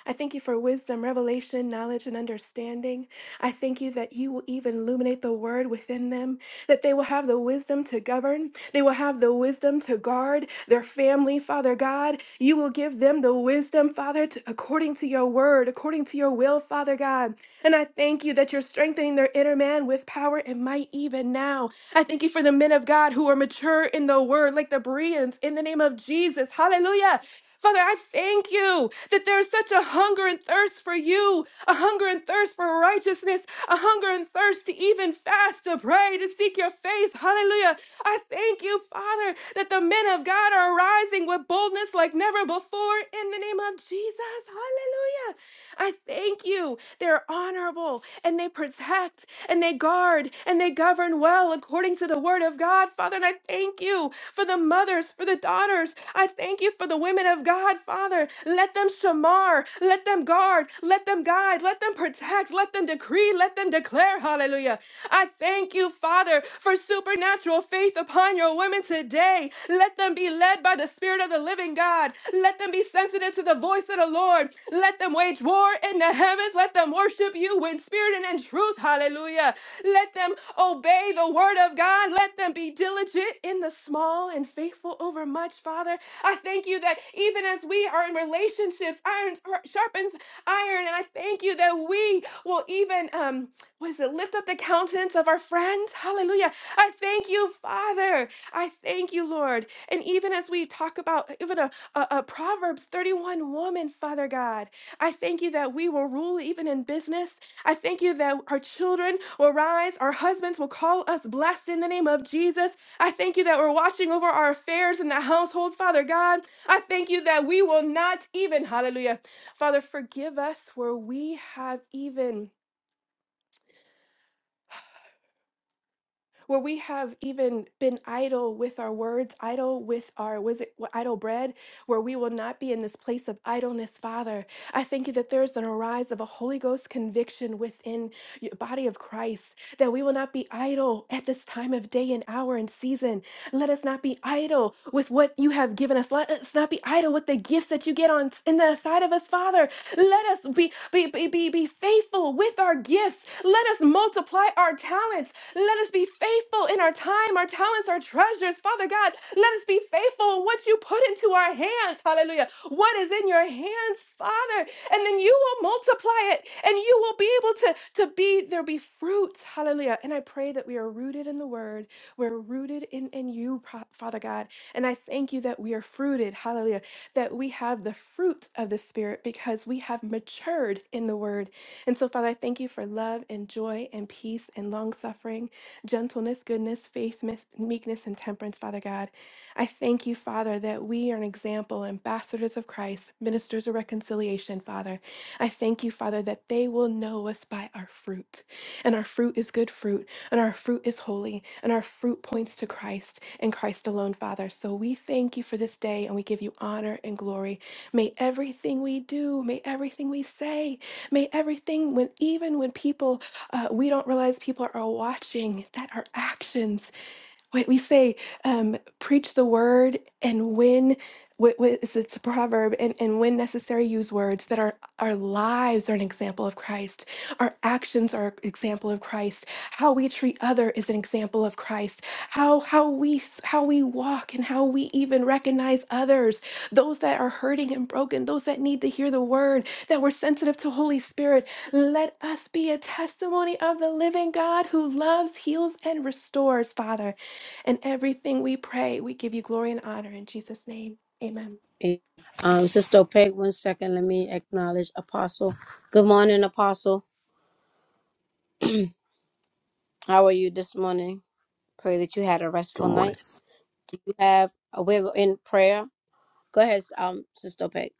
[SPEAKER 3] I thank you for wisdom, revelation, knowledge, and understanding. I thank you that you will even illuminate the word within them, that they will have the wisdom to govern. They will have the wisdom to guard their family, Father God. You will give them the wisdom, Father, to, according to your word, according to your will, Father God. And I thank you that you're strengthening their inner man with power and might even now. I thank you for the men of God who are mature in the word, like the Bereans, in the name of Jesus. Hallelujah. Father, I thank you that there is such a hunger and thirst for you, a hunger and thirst for righteousness, a hunger and thirst to even fast, to pray, to seek your face. Hallelujah. I thank you, Father, that the men of God are rising with boldness like never before in the name of Jesus. Hallelujah. I thank you you. They're honorable and they protect and they guard and they govern well according to the word of God, Father. And I thank you for the mothers, for the daughters. I thank you for the women of God, Father. Let them shamar, let them guard, let them guide, let them protect, let them decree, let them declare. Hallelujah. I thank you, Father, for supernatural faith upon your women today. Let them be led by the Spirit of the living God. Let them be sensitive to the voice of the Lord. Let them wage war Lord, in the heavens, let them worship you in spirit and in truth. Hallelujah. Let them obey the word of God. Let them be diligent in the small and faithful over much, Father. I thank you that even as we are in relationships, iron sharpens iron. And I thank you that we will even, um, what is it, lift up the countenance of our friends. Hallelujah. I thank you, Father. I thank you, Lord. And even as we talk about even a, a, a Proverbs 31 woman, Father God. I thank you that we will rule even in business. I thank you that our children will rise, our husbands will call us blessed in the name of Jesus. I thank you that we're watching over our affairs in the household, Father God. I thank you that we will not even, hallelujah. Father, forgive us where we have even. where we have even been idle with our words, idle with our was it wh- idle bread, where we will not be in this place of idleness, Father. I thank you that there is an arise of a Holy Ghost conviction within your body of Christ, that we will not be idle at this time of day and hour and season. Let us not be idle with what you have given us. Let us not be idle with the gifts that you get on in the side of us, Father. Let us be be be be, be faithful with our gifts. Let us multiply our talents. Let us be faithful in our time, our talents, our treasures. Father God, let us be faithful in what you put into our hands. Hallelujah. What is in your hands, Father? And then you will multiply it and you will be able to, to be, there be fruit. Hallelujah. And I pray that we are rooted in the word. We're rooted in, in you, Pro- Father God. And I thank you that we are fruited. Hallelujah. That we have the fruit of the Spirit because we have matured in the word and so, Father, I thank you for love and joy and peace and long suffering, gentleness, goodness, faith, mis- meekness, and temperance, Father God. I thank you, Father, that we are an example, ambassadors of Christ, ministers of reconciliation, Father. I thank you, Father, that they will know us by our fruit. And our fruit is good fruit, and our fruit is holy, and our fruit points to Christ and Christ alone, Father. So we thank you for this day, and we give you honor and glory. May everything we do, may everything we say, may everything when even when people uh, we don't realize people are watching, that our actions Wait, we say, um, preach the word, and when wh- wh- it's it's a proverb, and, and when necessary, use words that our our lives are an example of Christ. Our actions are an example of Christ. How we treat other is an example of Christ. How how we s- how we walk and how we even recognize others, those that are hurting and broken, those that need to hear the word, that we're sensitive to Holy Spirit. Let us be a testimony of the living God who loves, heals, and restores, Father. And everything we pray, we give you glory and honor in Jesus' name. Amen.
[SPEAKER 1] And, Um, Sister Peg, one second. Let me acknowledge Apostle. Good morning, Apostle. How are you this morning? Pray that you had a
[SPEAKER 4] Good
[SPEAKER 1] restful
[SPEAKER 4] morning.
[SPEAKER 1] night. You have a wiggle in prayer. Go ahead, um, Sister Peg.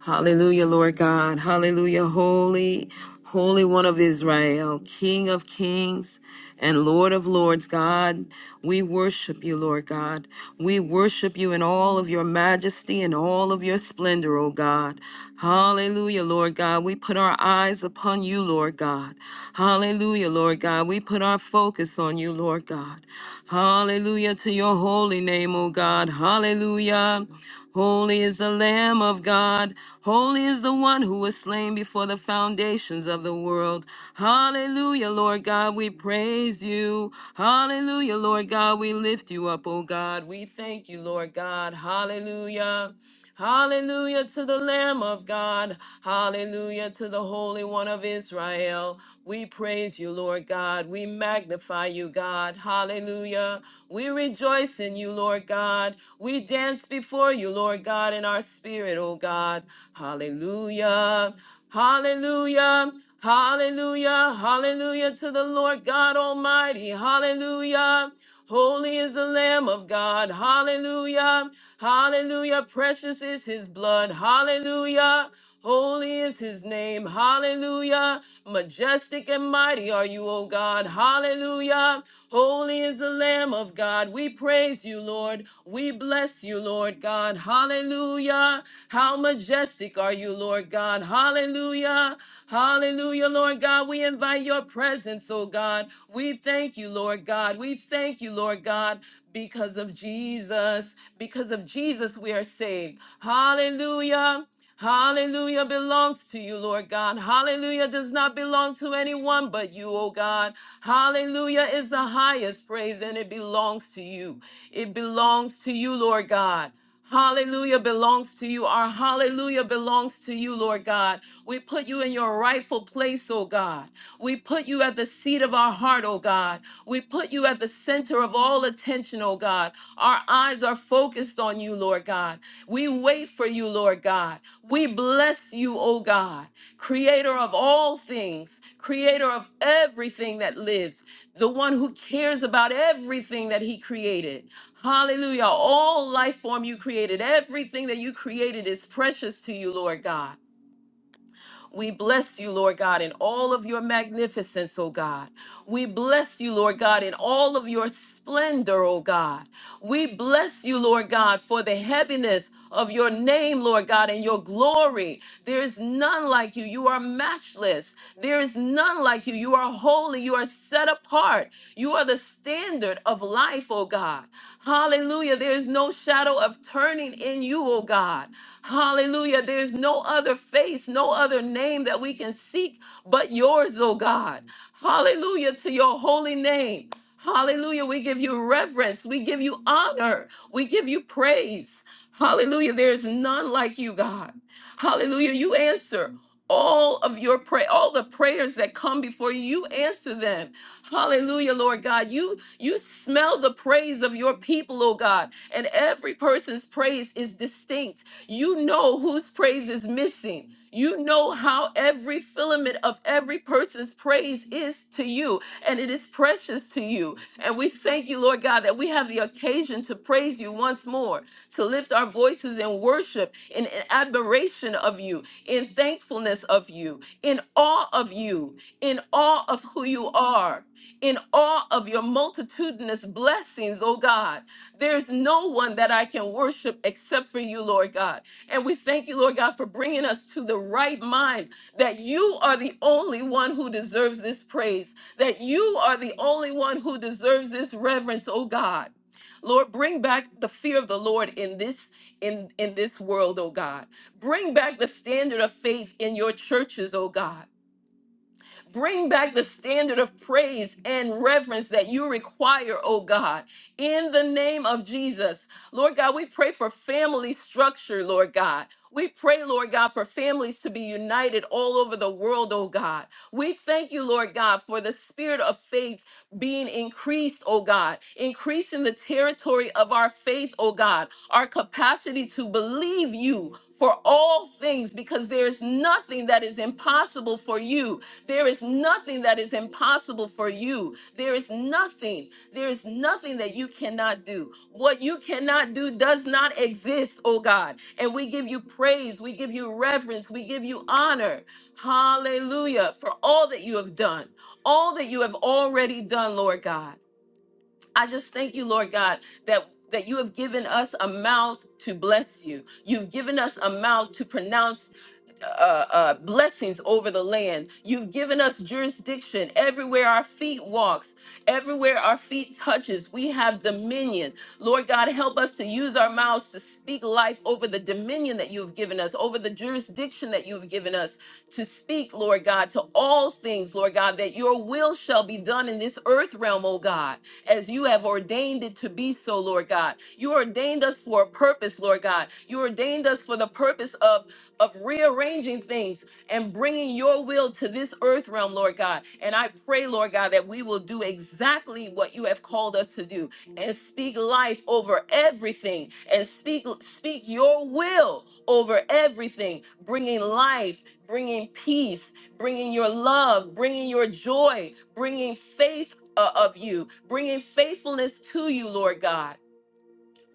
[SPEAKER 5] Hallelujah, Lord God. Hallelujah. Holy, Holy One of Israel, King of Kings and Lord of Lords, God. We worship you, Lord God. We worship you in all of your majesty and all of your splendor, O God. Hallelujah, Lord God, God. God, we we put put our our eyes upon you, Lord Lord Hallelujah, Lord God. We put our focus on you, Lord God. Hallelujah to your holy name, O God. Hallelujah. Holy is the Lamb of God. Holy is the one who was slain before the foundations of the world. Hallelujah, Lord God. We praise you. Hallelujah, Lord God. We lift you up, O God. We thank you, Lord God. Hallelujah. Hallelujah to the Lamb of God. Hallelujah to the Holy One of Israel. We praise you, Lord God. We magnify you, God. Hallelujah. We rejoice in you, Lord God. We dance before you, Lord God, in our spirit, O God. Hallelujah. Hallelujah. Hallelujah. Hallelujah to the Lord God Almighty. Hallelujah. Holy is the Lamb of God. Hallelujah. Hallelujah. Precious is his blood. Hallelujah. Holy is his name. Hallelujah. Majestic and mighty are you, O God. Hallelujah. Holy is the Lamb of God. We praise you, Lord. We bless you, Lord God. Hallelujah. How majestic are you, Lord God. Hallelujah. Hallelujah, Lord God. We invite your presence, oh God. We thank you, Lord God. We thank you, Lord God, because of Jesus. Because of Jesus, we are saved. Hallelujah. Hallelujah belongs to you, Lord God. Hallelujah does not belong to anyone but you, O God. Hallelujah is the highest praise and it belongs to you. It belongs to you, Lord God. Hallelujah belongs to you. Our hallelujah belongs to you, Lord God. We put you in your rightful place, oh God. We put you at the seat of our heart, oh God. We put you at the center of all attention, oh God. Our eyes are focused on you, Lord God. We wait for you, Lord God. We bless you, oh God, creator of all things, creator of everything that lives, the one who cares about everything that he created. Hallelujah. All life form you created, everything that you created is precious to you, Lord God. We bless you, Lord God, in all of your magnificence, oh God. We bless you, Lord God, in all of your splendor, oh God. We bless you, Lord God, for the heaviness of your name, Lord God, and your glory. There is none like you. You are matchless. There is none like you. You are holy. You are set apart. You are the standard of life, oh God. Hallelujah. There is no shadow of turning in you, oh God. Hallelujah. There's no other face, no other name that we can seek but yours, oh God. Hallelujah to your holy name. Hallelujah. We give you reverence. We give you honor. We give you praise. Hallelujah. There's none like you, God. Hallelujah. You answer all of your pray all the prayers that come before you you answer them hallelujah lord god you you smell the praise of your people oh god and every person's praise is distinct you know whose praise is missing. You know how every filament of every person's praise is to you, and it is precious to you. And we thank you, Lord God, that we have the occasion to praise you once more, to lift our voices in worship, in in admiration of you, in thankfulness of you, in awe of you, in awe of who you are, in awe of your multitudinous blessings, oh God. There's no one that I can worship except for you, Lord God. And we thank you, Lord God, for bringing us to the right mind that you are the only one who deserves this praise, that you are the only one who deserves this reverence, oh God. Lord, bring back the fear of the Lord in this in in this world, oh God. Bring back the standard of faith in your churches, oh God. Bring back the standard of praise and reverence that you require, oh God, in the name of Jesus. Lord God, we pray for family structure, Lord God. We pray, Lord God, for families to be united all over the world, oh God. We thank you, Lord God, for the spirit of faith being increased, oh God, increasing the territory of our faith, oh God, our capacity to believe you for all things because there is nothing that is impossible for you. There is nothing that is impossible for you. There is nothing. There is nothing that you cannot do. What you cannot do does not exist, oh God. And we give you praise. We give you reverence. We give you honor. Hallelujah for all that you have done, all that you have already done, Lord God. I just thank you, Lord God, that. That you have given us a mouth to bless you. You've given us a mouth to pronounce uh, uh, blessings over the land. You've given us jurisdiction everywhere our feet walks, everywhere our feet touches. We have dominion. Lord God, help us to use our mouths to speak life over the dominion that you have given us, over the jurisdiction that you have given us to speak, Lord God, to all things, Lord God, that your will shall be done in this earth realm, oh God, as you have ordained it to be so, Lord God. You ordained us for a purpose, Lord God. You ordained us for the purpose of of rearranging things and bringing your will to this earth realm, Lord God. And I pray, Lord God, that we will do exactly what you have called us to do and speak life over everything and speak speak your will over everything, bringing life, bringing peace, bringing your love, bringing your joy, bringing faith uh, of you, bringing faithfulness to you, Lord God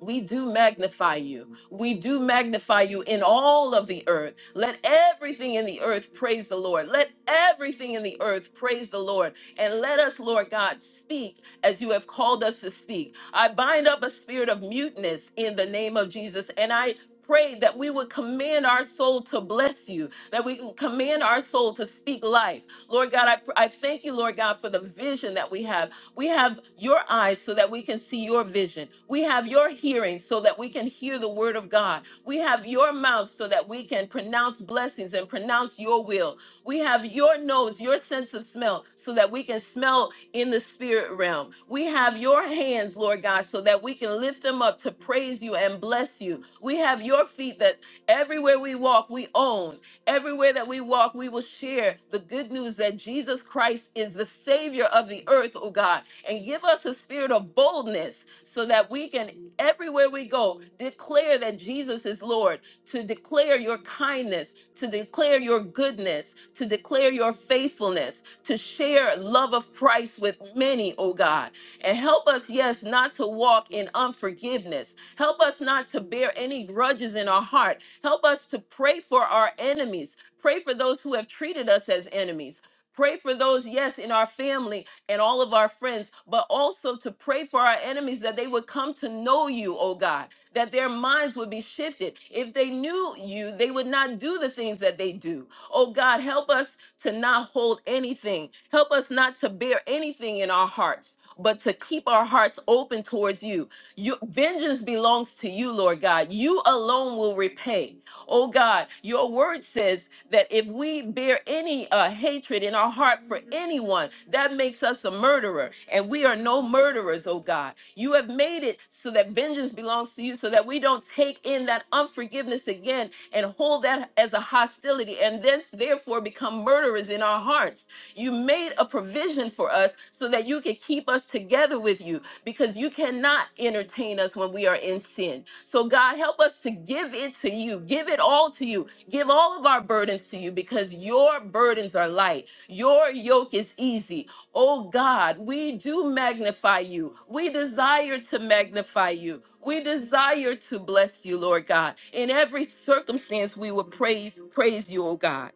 [SPEAKER 5] we do magnify you. We do magnify you in all of the earth. Let everything in the earth praise the Lord. Let everything in the earth praise the Lord. And let us, Lord God, speak as you have called us to speak. I bind up a spirit of muteness in the name of Jesus. And I pray that we would command our soul to bless you, that we would command our soul to speak life. Lord God, I, I thank you, Lord God, for the vision that we have we have your eyes so that we can see your vision. We have your hearing so that we can hear the word of God. We have your mouth so that we can pronounce blessings and pronounce your will. We have your nose, your sense of smell, so that we can smell in the spirit realm. We have your hands, Lord God, so that we can lift them up to praise you and bless you. We have your feet that everywhere we walk, we own. Everywhere that we walk, we will share the good news that Jesus Christ is the Savior of the earth, oh God and give us a spirit of boldness so that we can, everywhere we go, declare that Jesus is Lord, to declare your kindness, to declare your goodness, to declare your faithfulness, to share love of Christ with many, oh God. And help us, yes, not to walk in unforgiveness. Help us not to bear any grudges in our heart. Help us to pray for our enemies. Pray for those who have treated us as enemies. Pray for those, yes, in our family and all of our friends, but also to pray for our enemies that they would come to know you, oh God, that their minds would be shifted. If they knew you, they would not do the things that they do. Oh God, help us to not hold anything. Help us not to bear anything in our hearts, but to keep our hearts open towards you. You vengeance belongs to you, Lord God. You alone will repay. Oh God, your word says that if we bear any uh, hatred in our heart for anyone, that makes us a murderer. And we are no murderers, oh God. You have made it so that vengeance belongs to you, so that we don't take in that unforgiveness again and hold that as a hostility and thence therefore become murderers in our hearts. You made a provision for us so that you could keep us together with you because you cannot entertain us when we are in sin. So, God, help us to give it to you, give it all to you, give all of our burdens to you because your burdens are light, your yoke is easy. Oh, God, we do magnify you, we desire to magnify you. We desire to bless you, Lord God. In every circumstance, we will praise praise you, oh God.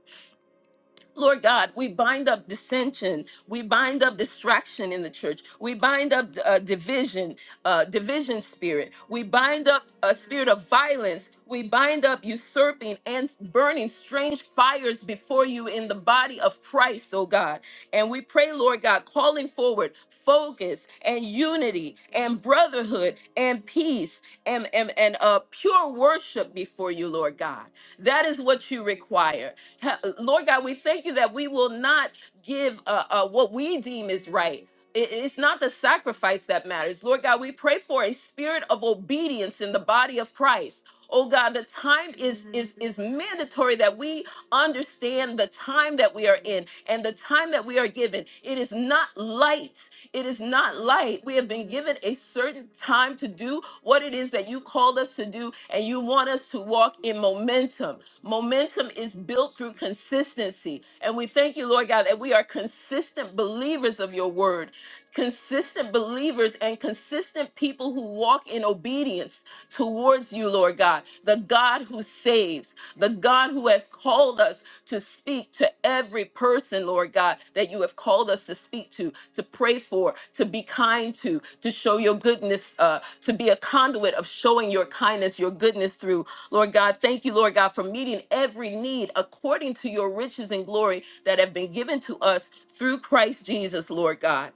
[SPEAKER 5] Lord God, we bind up dissension. We bind up distraction in the church. We bind up uh, division, uh, division spirit. We bind up a spirit of violence. We bind up usurping and burning strange fires before you in the body of Christ, oh God. And we pray, Lord God, calling forward focus and unity and brotherhood and peace and, and, and uh, pure worship before you, Lord God. That is what you require. Ha- Lord God, we thank you that we will not give uh, uh, what we deem is right. It- It's not the sacrifice that matters. Lord God, we pray for a spirit of obedience in the body of Christ. Oh God, the time is is is mandatory that we understand the time that we are in and the time that we are given. It is not light. It is not light. We have been given a certain time to do what it is that you called us to do, and you want us to walk in momentum. Momentum is built through consistency. And we thank you, Lord God, that we are consistent believers of your word, consistent believers and consistent people who walk in obedience towards you, Lord God, the God who saves, the God who has called us to speak to every person, Lord God, that you have called us to speak to, to pray for, to be kind to, to show your goodness, uh, to be a conduit of showing your kindness, your goodness through Lord God, thank you, Lord God, for meeting every need according to your riches and glory that have been given to us through Christ Jesus, Lord God.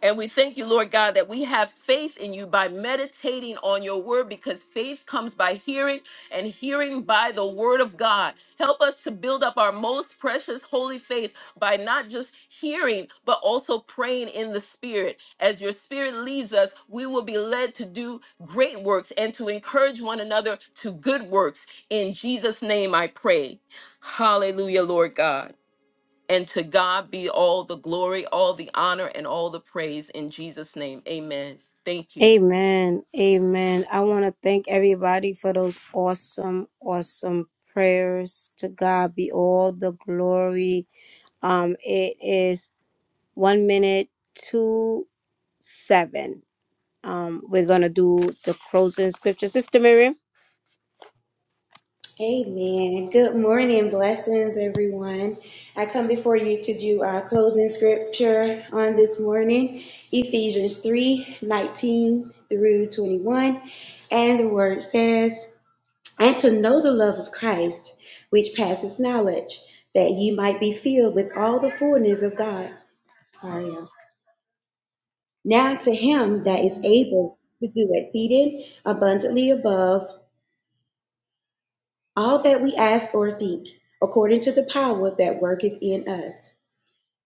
[SPEAKER 5] And we thank you, Lord God, that we have faith in you by meditating on your word because faith comes by hearing and hearing by the word of God. Help us to build up our most precious holy faith by not just hearing, but also praying in the spirit. As your spirit leads us, we will be led to do great works and to encourage one another to good works. In Jesus' name I pray. Hallelujah, Lord God. And to God be all the glory, all the honor, and all the praise in Jesus' name. Amen. Thank you.
[SPEAKER 1] Amen. Amen. I want to thank everybody for those awesome, awesome prayers. To God be all the glory. Um, it is one minute to seven. Um, we're gonna do the closing scripture. Sister Miriam.
[SPEAKER 6] Amen. Good morning. Blessings, everyone. I come before you to do our closing scripture on this morning Ephesians 3 19 through 21. And the word says, And to know the love of Christ, which passes knowledge, that ye might be filled with all the fullness of God. Sorry. y'all. Now to him that is able to do exceeding abundantly above all that we ask or think, according to the power that worketh in us.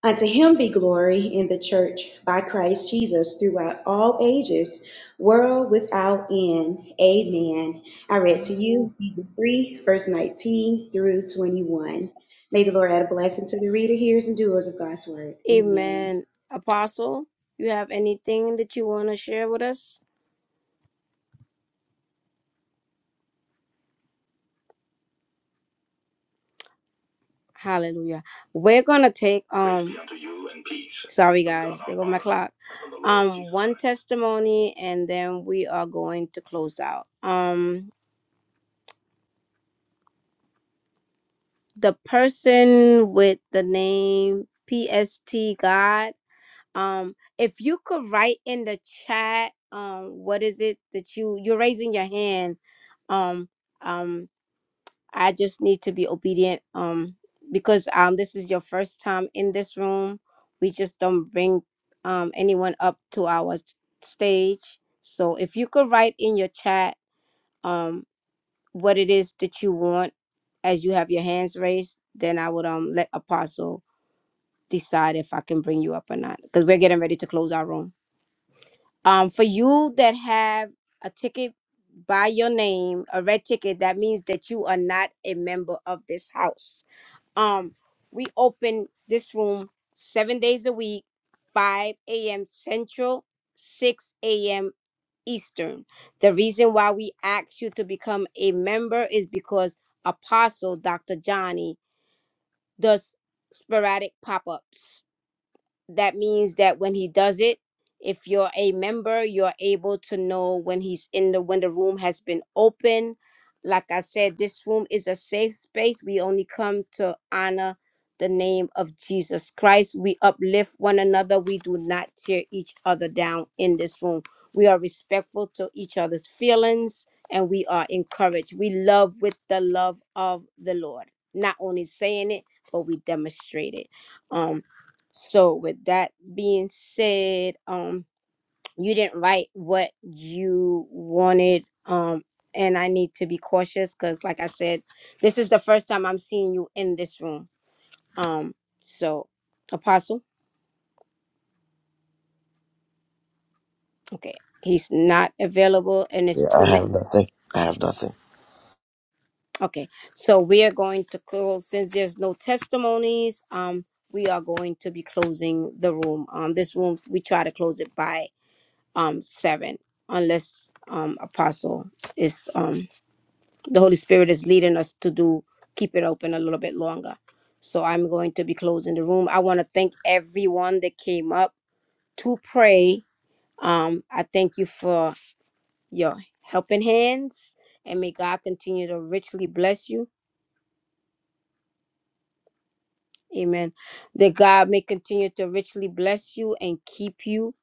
[SPEAKER 6] Unto him be glory in the church by Christ Jesus throughout all ages, world without end. Amen. I read to you Hebrews 3, verse 19 through 21. May the Lord add a blessing to the reader, hearers, and doers of God's word. Amen.
[SPEAKER 1] Amen. Apostle, you have anything that you want to share with us? Hallelujah. We're gonna take um sorry guys, there go my clock. Um one testimony and then we are going to close out. Um the person with the name PST God, um, if you could write in the chat um what is it that you you're raising your hand. Um um I just need to be obedient. Um, because um, this is your first time in this room. We just don't bring um anyone up to our s- stage. So if you could write in your chat um what it is that you want as you have your hands raised, then I would um let Apostle decide if I can bring you up or not. Because we're getting ready to close our room. Um, for you that have a ticket by your name, a red ticket, that means that you are not a member of this house um, we open this room seven days a week, 5 a.m. Central, 6 a.m. Eastern. The reason why we ask you to become a member is because Apostle Dr. Johnny does sporadic pop ups that means that when he does it if you're a member you're able to know when he's in the when the room has been open like i said this room is a safe space we only come to honor the name of jesus christ we uplift one another we do not tear each other down in this room we are respectful to each other's feelings and we are encouraged we love with the love of the lord not only saying it but we demonstrate it Um. So with that being said, um, you didn't write what you wanted, um, and I need to be cautious because, like I said, this is the first time I'm seeing you in this room. Um, so Apostle, okay, he's not available, and it's
[SPEAKER 4] Yeah,
[SPEAKER 1] two
[SPEAKER 4] I
[SPEAKER 1] minutes.
[SPEAKER 4] have nothing. I have nothing.
[SPEAKER 1] Okay, so we are going to close since there's no testimonies. Um, we are going to be closing the room. Um, this room we try to close it by um seven unless um apostle is um the holy spirit is leading us to do keep it open a little bit longer so i'm going to be closing the room i want to thank everyone that came up to pray um i thank you for your helping hands and may god continue to richly bless you Amen. That God may continue to richly bless you and keep you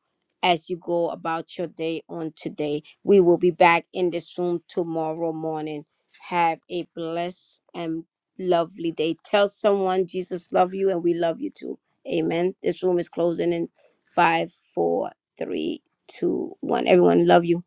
[SPEAKER 1] as you go about your day on today. We will be back in this room tomorrow morning. Have a blessed and lovely day. Tell someone Jesus love you and we love you too. Amen. This room is closing in five, four, three, two, one. Everyone love you.